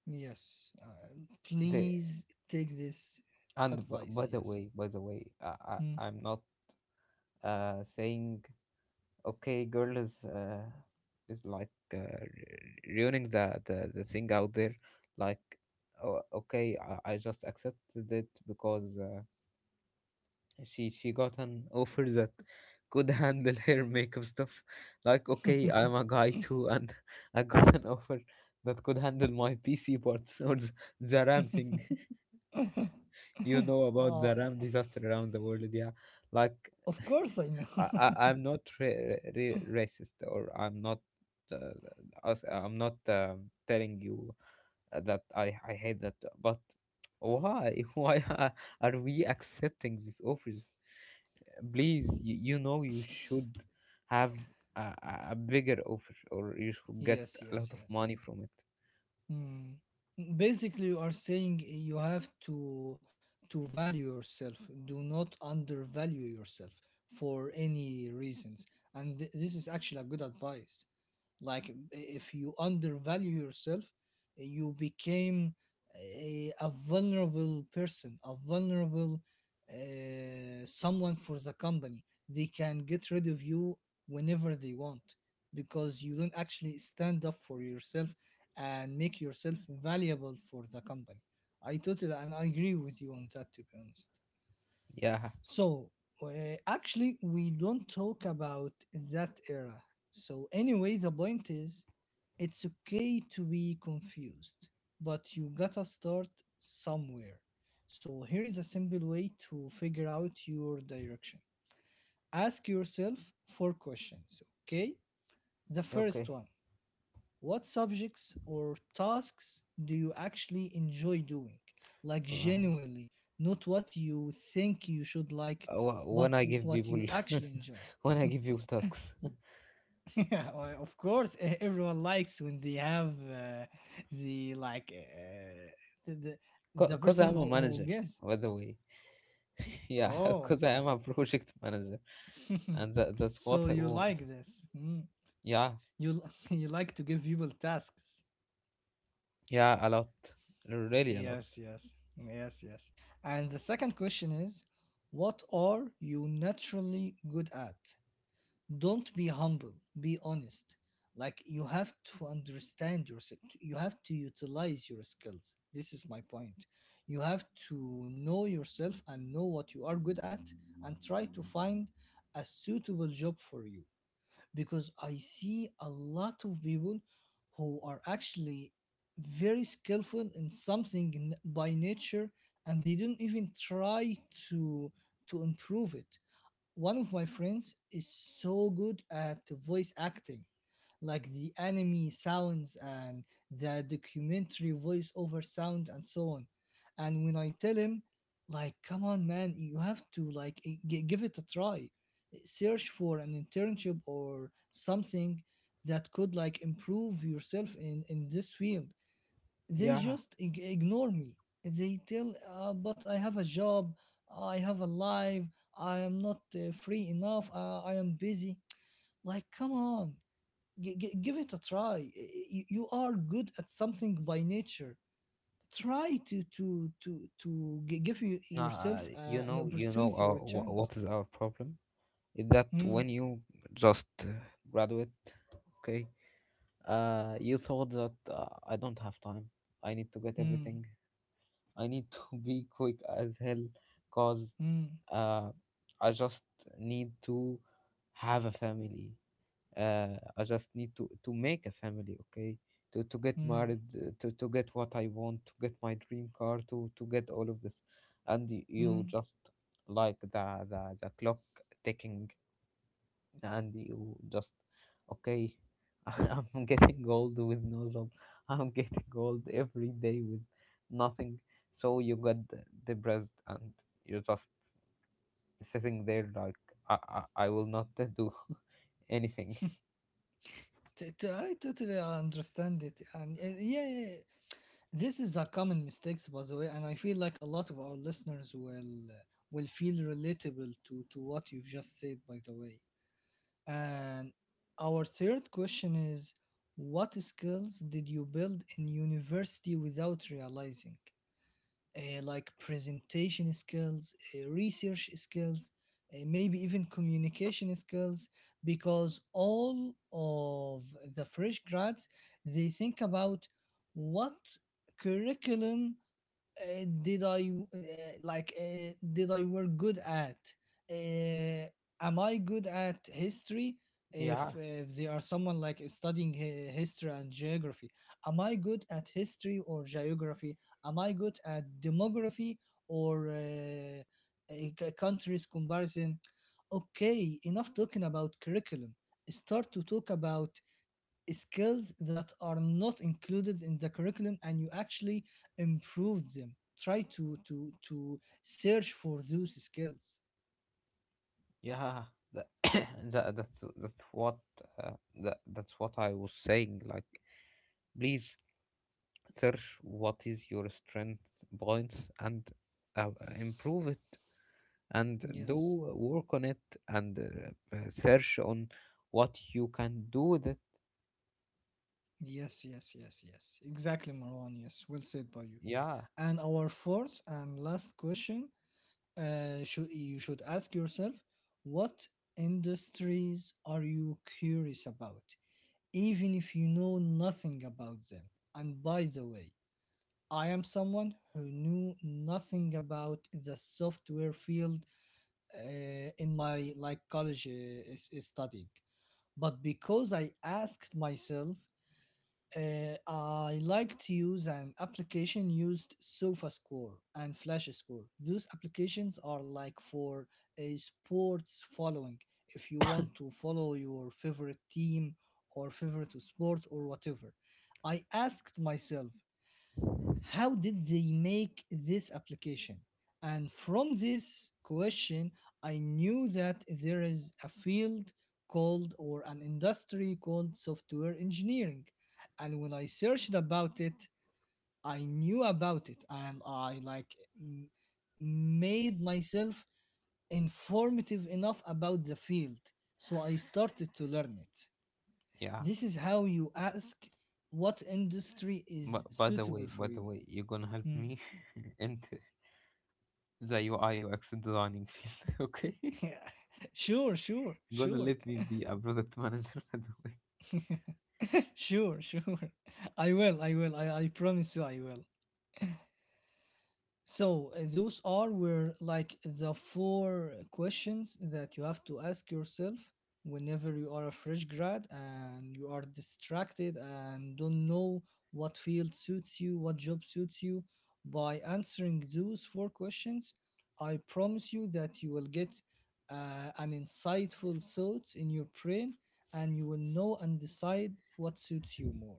[SPEAKER 1] Yes.
[SPEAKER 2] the,
[SPEAKER 1] Please take this
[SPEAKER 2] and by
[SPEAKER 1] advice.
[SPEAKER 2] the
[SPEAKER 1] Yes.
[SPEAKER 2] way, I,
[SPEAKER 1] Mm.
[SPEAKER 2] I i'm not saying, okay, girl is like, ruining the thing out there. Like, oh, okay, I just accepted it because she got an offer that could [LAUGHS] handle her makeup stuff. Like, okay, I'm a guy too, and [LAUGHS] I got an offer that could handle my PC parts [LAUGHS] or the RAM thing. [LAUGHS] You know
[SPEAKER 1] [LAUGHS]
[SPEAKER 2] about
[SPEAKER 1] oh,
[SPEAKER 2] the
[SPEAKER 1] eh,
[SPEAKER 2] RAM disaster around the world, yeah. Like,
[SPEAKER 1] of course I know.
[SPEAKER 2] I, I
[SPEAKER 1] [LAUGHS]
[SPEAKER 2] I'm not racist, or I'm not, uh, I'm not telling you that I hate that. But why [LAUGHS] why are we accepting these offers? Please, you know you should have a bigger offer, or you should get
[SPEAKER 1] Yes.
[SPEAKER 2] a
[SPEAKER 1] Yes.
[SPEAKER 2] lot of
[SPEAKER 1] Yes.
[SPEAKER 2] money from it.
[SPEAKER 1] Mm. Basically, you are saying you have to value yourself. Do not undervalue yourself for any reasons. And th- this is actually a good advice. Like if you undervalue yourself, you became a vulnerable person, a vulnerable someone for the company. They can get rid of you whenever they want, because you don't actually stand up for yourself and make yourself valuable for the company. I totally and I agree with you on that, to be honest.
[SPEAKER 2] Yeah.
[SPEAKER 1] So, uh, actually, we don't talk about that era. So, anyway, the point is it's okay to be confused, but you gotta start somewhere. So, here is a simple way to figure out your direction: ask yourself four questions, okay? The first
[SPEAKER 2] Okay.
[SPEAKER 1] one: what subjects or tasks do you actually enjoy doing? Like,
[SPEAKER 2] Uh,
[SPEAKER 1] genuinely, not what you think you should like,
[SPEAKER 2] When
[SPEAKER 1] but
[SPEAKER 2] I
[SPEAKER 1] you,
[SPEAKER 2] give
[SPEAKER 1] what you
[SPEAKER 2] people, [LAUGHS]
[SPEAKER 1] actually enjoy.
[SPEAKER 2] when I give people tasks,
[SPEAKER 1] [LAUGHS] Yeah, well, of course, e- everyone likes when they have the like the, the
[SPEAKER 2] [LAUGHS]
[SPEAKER 1] the
[SPEAKER 2] because
[SPEAKER 1] person
[SPEAKER 2] I'm a
[SPEAKER 1] who
[SPEAKER 2] manager,
[SPEAKER 1] gives.
[SPEAKER 2] by the way. [LAUGHS] Yeah,
[SPEAKER 1] Oh,
[SPEAKER 2] because I am a project manager,
[SPEAKER 1] [LAUGHS]
[SPEAKER 2] and that's
[SPEAKER 1] so
[SPEAKER 2] what I
[SPEAKER 1] you
[SPEAKER 2] want.
[SPEAKER 1] like this? Mm.
[SPEAKER 2] Yeah,
[SPEAKER 1] You li- [LAUGHS] you like to give people tasks?
[SPEAKER 2] yeah, a lot, really a lot.
[SPEAKER 1] Yes, yes, yes, yes. And the second question is, what are you naturally good at? Don't be humble, be honest. Like you have to understand yourself, you have to utilize your skills. This is my point. You have to know yourself and know what you are good at, and try to find a suitable job for you, because I see a lot of people who are actually very skillful in something in, by nature, and they don't even try to to improve it. One of my friends is so good at voice acting, like the anime sounds and the documentary voiceover sound and so on. And when I tell him, like, come on, man, you have to like give it a try, eh, search for an internship or something that could like improve yourself in this field. They
[SPEAKER 2] Yeah.
[SPEAKER 1] just ignore me. They tell, but I have a job, I have a life, I am not free enough, I am busy. Like, come on, give it a try. Y- You are good at something by nature. Try to give you, yourself
[SPEAKER 2] Nah,
[SPEAKER 1] an opportunity or a chance.
[SPEAKER 2] what is our problem? Is that
[SPEAKER 1] Mm,
[SPEAKER 2] when you just graduate, okay, you thought that I don't have time. I need to get
[SPEAKER 1] mm,
[SPEAKER 2] everything. I need to [LAUGHS] be quick as hell, cause
[SPEAKER 1] mm,
[SPEAKER 2] uh, I just need to have a family. I just need to make a family, okay? To get
[SPEAKER 1] mm,
[SPEAKER 2] married, to get what I want, to get my dream car, to get all of this, and you
[SPEAKER 1] mm.
[SPEAKER 2] just like the clock ticking, and you just, okay. [LAUGHS] I'm getting old with no job. I'm getting old every day with nothing. So you get depressed and you're just sitting there like, I will not do [LAUGHS] anything.
[SPEAKER 1] T- t- I totally understand it, and yeah, yeah, yeah. This is a common mistake, by the way, and I feel like a lot of our listeners will feel relatable to what you've just said, by the way. And our third question is: what skills did you build in university without realizing? Like presentation skills, research skills, maybe even communication skills, because all of the fresh grads, they think about what curriculum did I like did I were good at? Uh, am I good at history?
[SPEAKER 2] Yeah.
[SPEAKER 1] If they are someone like studying hi- history and geography, am I good at history or geography? Am I good at demography or a c- countries comparison? Okay, enough talking about curriculum. Start to talk about skills that are not included in the curriculum and you actually improve them. Try to search for those skills.
[SPEAKER 2] Yeah, [COUGHS] that's what uh, that that's what I was saying. Like, please search what is your strength points, and uh, improve it and do
[SPEAKER 1] Yes,
[SPEAKER 2] work on it and search on what you can do with it.
[SPEAKER 1] yes, yes, yes, yes, exactly, Marwan, yes, well said by you.
[SPEAKER 2] Yeah,
[SPEAKER 1] And our fourth and last question should you should ask yourself: what industries are you curious about, even if you know nothing about them? And by the way, I am someone who knew nothing about the software field in my like college is studying, but because I asked myself, I like to use an application used SofaScore and FlashScore. Those applications are like for a sports following. If you want to follow your favorite team or favorite sport or whatever, I asked myself: how did they make this application? And from this question, I knew that there is a field called, or an industry called, software engineering. And when I searched about it, I knew about it and I like m- made myself informative enough about the field. So I started to learn it.
[SPEAKER 2] yeah.
[SPEAKER 1] This is how you ask what industry is
[SPEAKER 2] But by the
[SPEAKER 1] suitable
[SPEAKER 2] way,
[SPEAKER 1] for you.
[SPEAKER 2] you're gonna help
[SPEAKER 1] Hmm.
[SPEAKER 2] me [LAUGHS] into the UI UX designing field, [LAUGHS] okay?
[SPEAKER 1] [LAUGHS] sure, sure,
[SPEAKER 2] Gonna
[SPEAKER 1] sure,
[SPEAKER 2] let me be a product manager, [LAUGHS] by the
[SPEAKER 1] [LAUGHS] sure, sure. I will, I will. I promise you, I will. So those are were like the four questions that you have to ask yourself whenever you are a fresh grad and you are distracted and don't know what field suits you, what job suits you. By answering those four questions, I promise you that you will get an insightful thoughts in your brain, and you will know and decide what suits you more.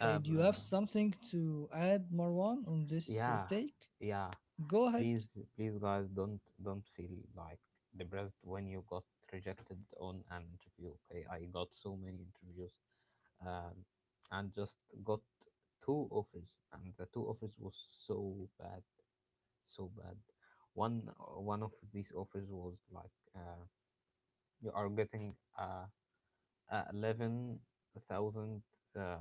[SPEAKER 2] way.
[SPEAKER 1] Do you have
[SPEAKER 2] Uh,
[SPEAKER 1] something to add, Marwan, on this
[SPEAKER 2] Yeah,
[SPEAKER 1] take?
[SPEAKER 2] yeah.
[SPEAKER 1] Go ahead.
[SPEAKER 2] Please, please, guys, don't feel like depressed when you got rejected on an interview. Okay, I got so many interviews, um, and just got two offers, and the two offers was so bad, so bad. One of these offers was like, you are getting a 11,000 uh,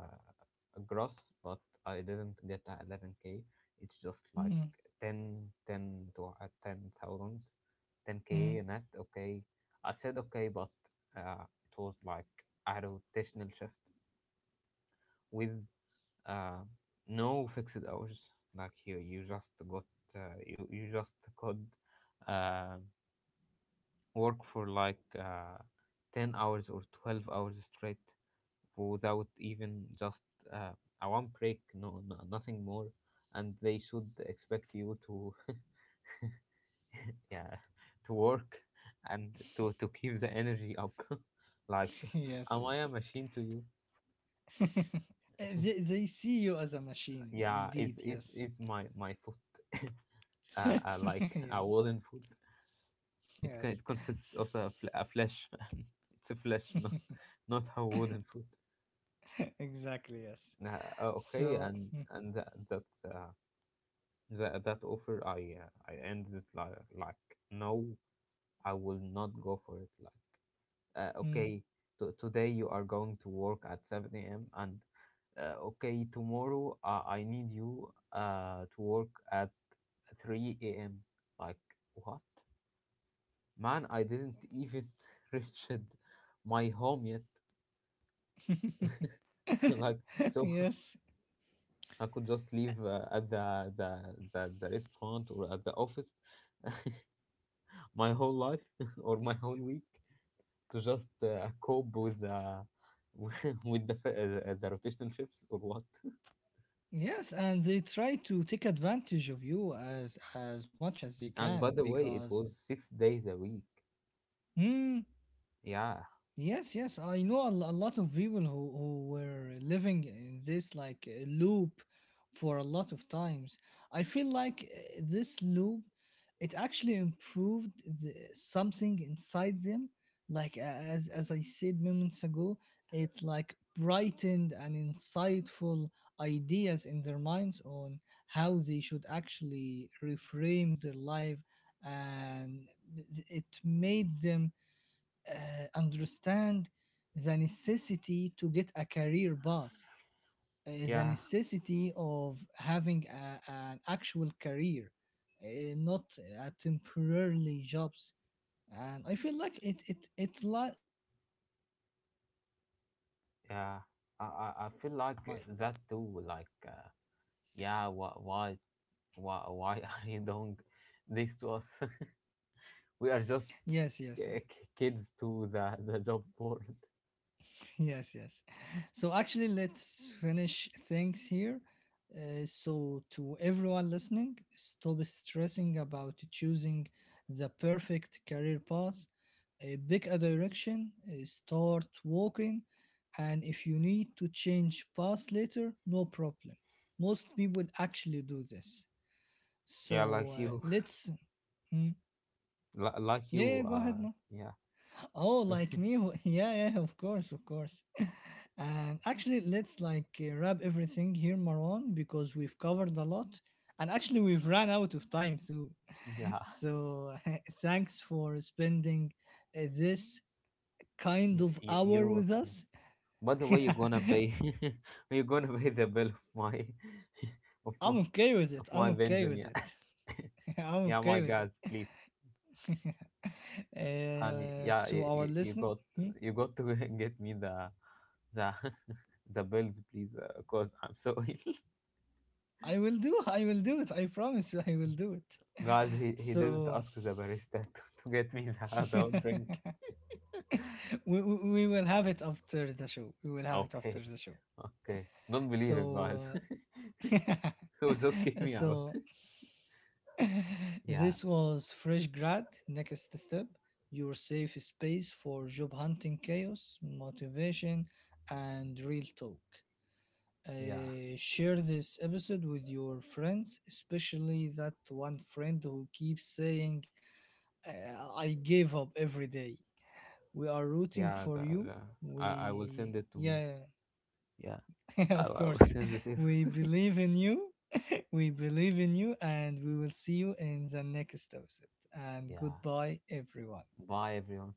[SPEAKER 2] gross, but I didn't get a 11K. It's just like
[SPEAKER 1] Mm,
[SPEAKER 2] 10, 10 to 10,000,
[SPEAKER 1] mm.
[SPEAKER 2] k net. Okay. I said okay, but uh, it was like a rotational shift with uh, no fixed hours. Like here, you just could uh, work for like 10 hours or 12 hours straight without even just uh, a one break, no, no, nothing more. And they should expect you to, [LAUGHS] yeah, to work and to keep the energy up. [LAUGHS] Like,
[SPEAKER 1] [LAUGHS] Yes,
[SPEAKER 2] am I a
[SPEAKER 1] yes.
[SPEAKER 2] machine to you?
[SPEAKER 1] [LAUGHS] Eh,
[SPEAKER 2] [LAUGHS]
[SPEAKER 1] they see you as a machine,
[SPEAKER 2] Yeah, is
[SPEAKER 1] indeed,
[SPEAKER 2] is
[SPEAKER 1] yes.
[SPEAKER 2] is my foot, [LAUGHS] like a
[SPEAKER 1] [LAUGHS] yes,
[SPEAKER 2] wooden foot.
[SPEAKER 1] yes.
[SPEAKER 2] It consists
[SPEAKER 1] S-
[SPEAKER 2] of a flesh. [LAUGHS] It's a flesh, not
[SPEAKER 1] [LAUGHS]
[SPEAKER 2] not a wooden foot.
[SPEAKER 1] exactly, yes.
[SPEAKER 2] Okay,
[SPEAKER 1] So,
[SPEAKER 2] and that's. That offer, I ended it no, I will not go for it. Like,
[SPEAKER 1] mm,
[SPEAKER 2] okay, today you are going to work at 7 a.m., and okay, tomorrow, I need you to work at 3 a.m. Like, what, man, I didn't even [LAUGHS] reach my home yet.
[SPEAKER 1] mm.
[SPEAKER 2] [LAUGHS] Like,
[SPEAKER 1] [LAUGHS]
[SPEAKER 2] so, [LAUGHS]
[SPEAKER 1] yes.
[SPEAKER 2] I could just leave at the restaurant or at the office [LAUGHS] my whole life [LAUGHS] or my whole week to just cope with the [LAUGHS] with the rotational shifts or what? [LAUGHS]
[SPEAKER 1] Yes, and they try to take advantage of you as much as they
[SPEAKER 2] And
[SPEAKER 1] can
[SPEAKER 2] by the way, it
[SPEAKER 1] because
[SPEAKER 2] was 6 days a week.
[SPEAKER 1] hmm,
[SPEAKER 2] Yeah,
[SPEAKER 1] yes, yes, I know a, lo- a lot of people who were living in this like loop for a lot of times. I feel like this loop, it actually improved the, something inside them. Like a- as I said moments ago, it like brightened and insightful ideas in their minds on how they should actually reframe their life, and it made them understand the necessity to get a career path, the
[SPEAKER 2] yeah,
[SPEAKER 1] necessity of having a, an actual career, uh, not a temporarily jobs. And I feel like it li- lightens something in their minds.
[SPEAKER 2] yeah. I feel like that too. Yeah, why [LAUGHS] are you doing this to us? [LAUGHS] We are just
[SPEAKER 1] Yes, yes, yes.
[SPEAKER 2] kids to the job board.
[SPEAKER 1] Yes, yes. So actually, let's finish things here. So, to everyone listening, stop stressing about choosing the perfect career path. Pick a direction, start walking, and if you need to change paths later, no problem. Most people actually do this.
[SPEAKER 2] Yeah, like
[SPEAKER 1] So,
[SPEAKER 2] you,
[SPEAKER 1] let's. Hmm.
[SPEAKER 2] [LAUGHS] like
[SPEAKER 1] Yeah,
[SPEAKER 2] you.
[SPEAKER 1] yeah, go ahead, no.
[SPEAKER 2] Yeah,
[SPEAKER 1] Oh, like me? Wh- [LAUGHS] Yeah, yeah, of course, of course. [LAUGHS] And actually, let's like wrap everything here, Marwan, because we've covered a lot. And actually, we've run out of time too. [LAUGHS]
[SPEAKER 2] yeah.
[SPEAKER 1] So, [LAUGHS] thanks for spending this kind of
[SPEAKER 2] You're
[SPEAKER 1] hour with
[SPEAKER 2] welcome.
[SPEAKER 1] us.
[SPEAKER 2] By the way, you're gonna
[SPEAKER 1] [LAUGHS]
[SPEAKER 2] pay. [LAUGHS] You're gonna pay the bill of my, [LAUGHS] of my,
[SPEAKER 1] I'm okay with
[SPEAKER 2] of
[SPEAKER 1] it.
[SPEAKER 2] my
[SPEAKER 1] I'm okay
[SPEAKER 2] benzene.
[SPEAKER 1] with
[SPEAKER 2] Yeah,
[SPEAKER 1] it. [LAUGHS]
[SPEAKER 2] [LAUGHS]
[SPEAKER 1] I'm
[SPEAKER 2] yeah, my
[SPEAKER 1] okay with it.
[SPEAKER 2] guys, please,
[SPEAKER 1] [LAUGHS]
[SPEAKER 2] honey. Yeah,
[SPEAKER 1] To
[SPEAKER 2] you,
[SPEAKER 1] our
[SPEAKER 2] you, you
[SPEAKER 1] listener, hmm?
[SPEAKER 2] you got to [LAUGHS] get me the, the, [LAUGHS] the bills, please, cause I'm so ill.
[SPEAKER 1] I will do. I will do it. I promise you, I will do it.
[SPEAKER 2] [LAUGHS]
[SPEAKER 1] [LAUGHS]
[SPEAKER 2] Guys. He didn't
[SPEAKER 1] So
[SPEAKER 2] ask the barista [LAUGHS] to get me the adult drink.
[SPEAKER 1] [LAUGHS] we will have it after the show. We will have it after
[SPEAKER 2] Okay,
[SPEAKER 1] the show.
[SPEAKER 2] okay. Don't believe him, guys.
[SPEAKER 1] So,
[SPEAKER 2] [LAUGHS] He will just kick
[SPEAKER 1] uh, [LAUGHS]
[SPEAKER 2] me out. [LAUGHS]
[SPEAKER 1] so [LAUGHS]
[SPEAKER 2] Yeah,
[SPEAKER 1] this was Fresh Grad Next Step, your safe space for job hunting chaos, motivation, and real talk.
[SPEAKER 2] yeah,
[SPEAKER 1] Share this episode with your friends, especially that one friend who keeps saying, I gave up every day. We are rooting
[SPEAKER 2] yeah.
[SPEAKER 1] for you.
[SPEAKER 2] I will
[SPEAKER 1] We,
[SPEAKER 2] send it to me.
[SPEAKER 1] yeah
[SPEAKER 2] Yeah.
[SPEAKER 1] [LAUGHS]
[SPEAKER 2] I,
[SPEAKER 1] of
[SPEAKER 2] I was [LAUGHS]
[SPEAKER 1] course.
[SPEAKER 2] just so
[SPEAKER 1] We
[SPEAKER 2] stupid.
[SPEAKER 1] believe in you. We believe in you, and we will see you in the next episode.
[SPEAKER 2] [LAUGHS]
[SPEAKER 1] And
[SPEAKER 2] Yeah.
[SPEAKER 1] goodbye, everyone.
[SPEAKER 2] Bye, everyone.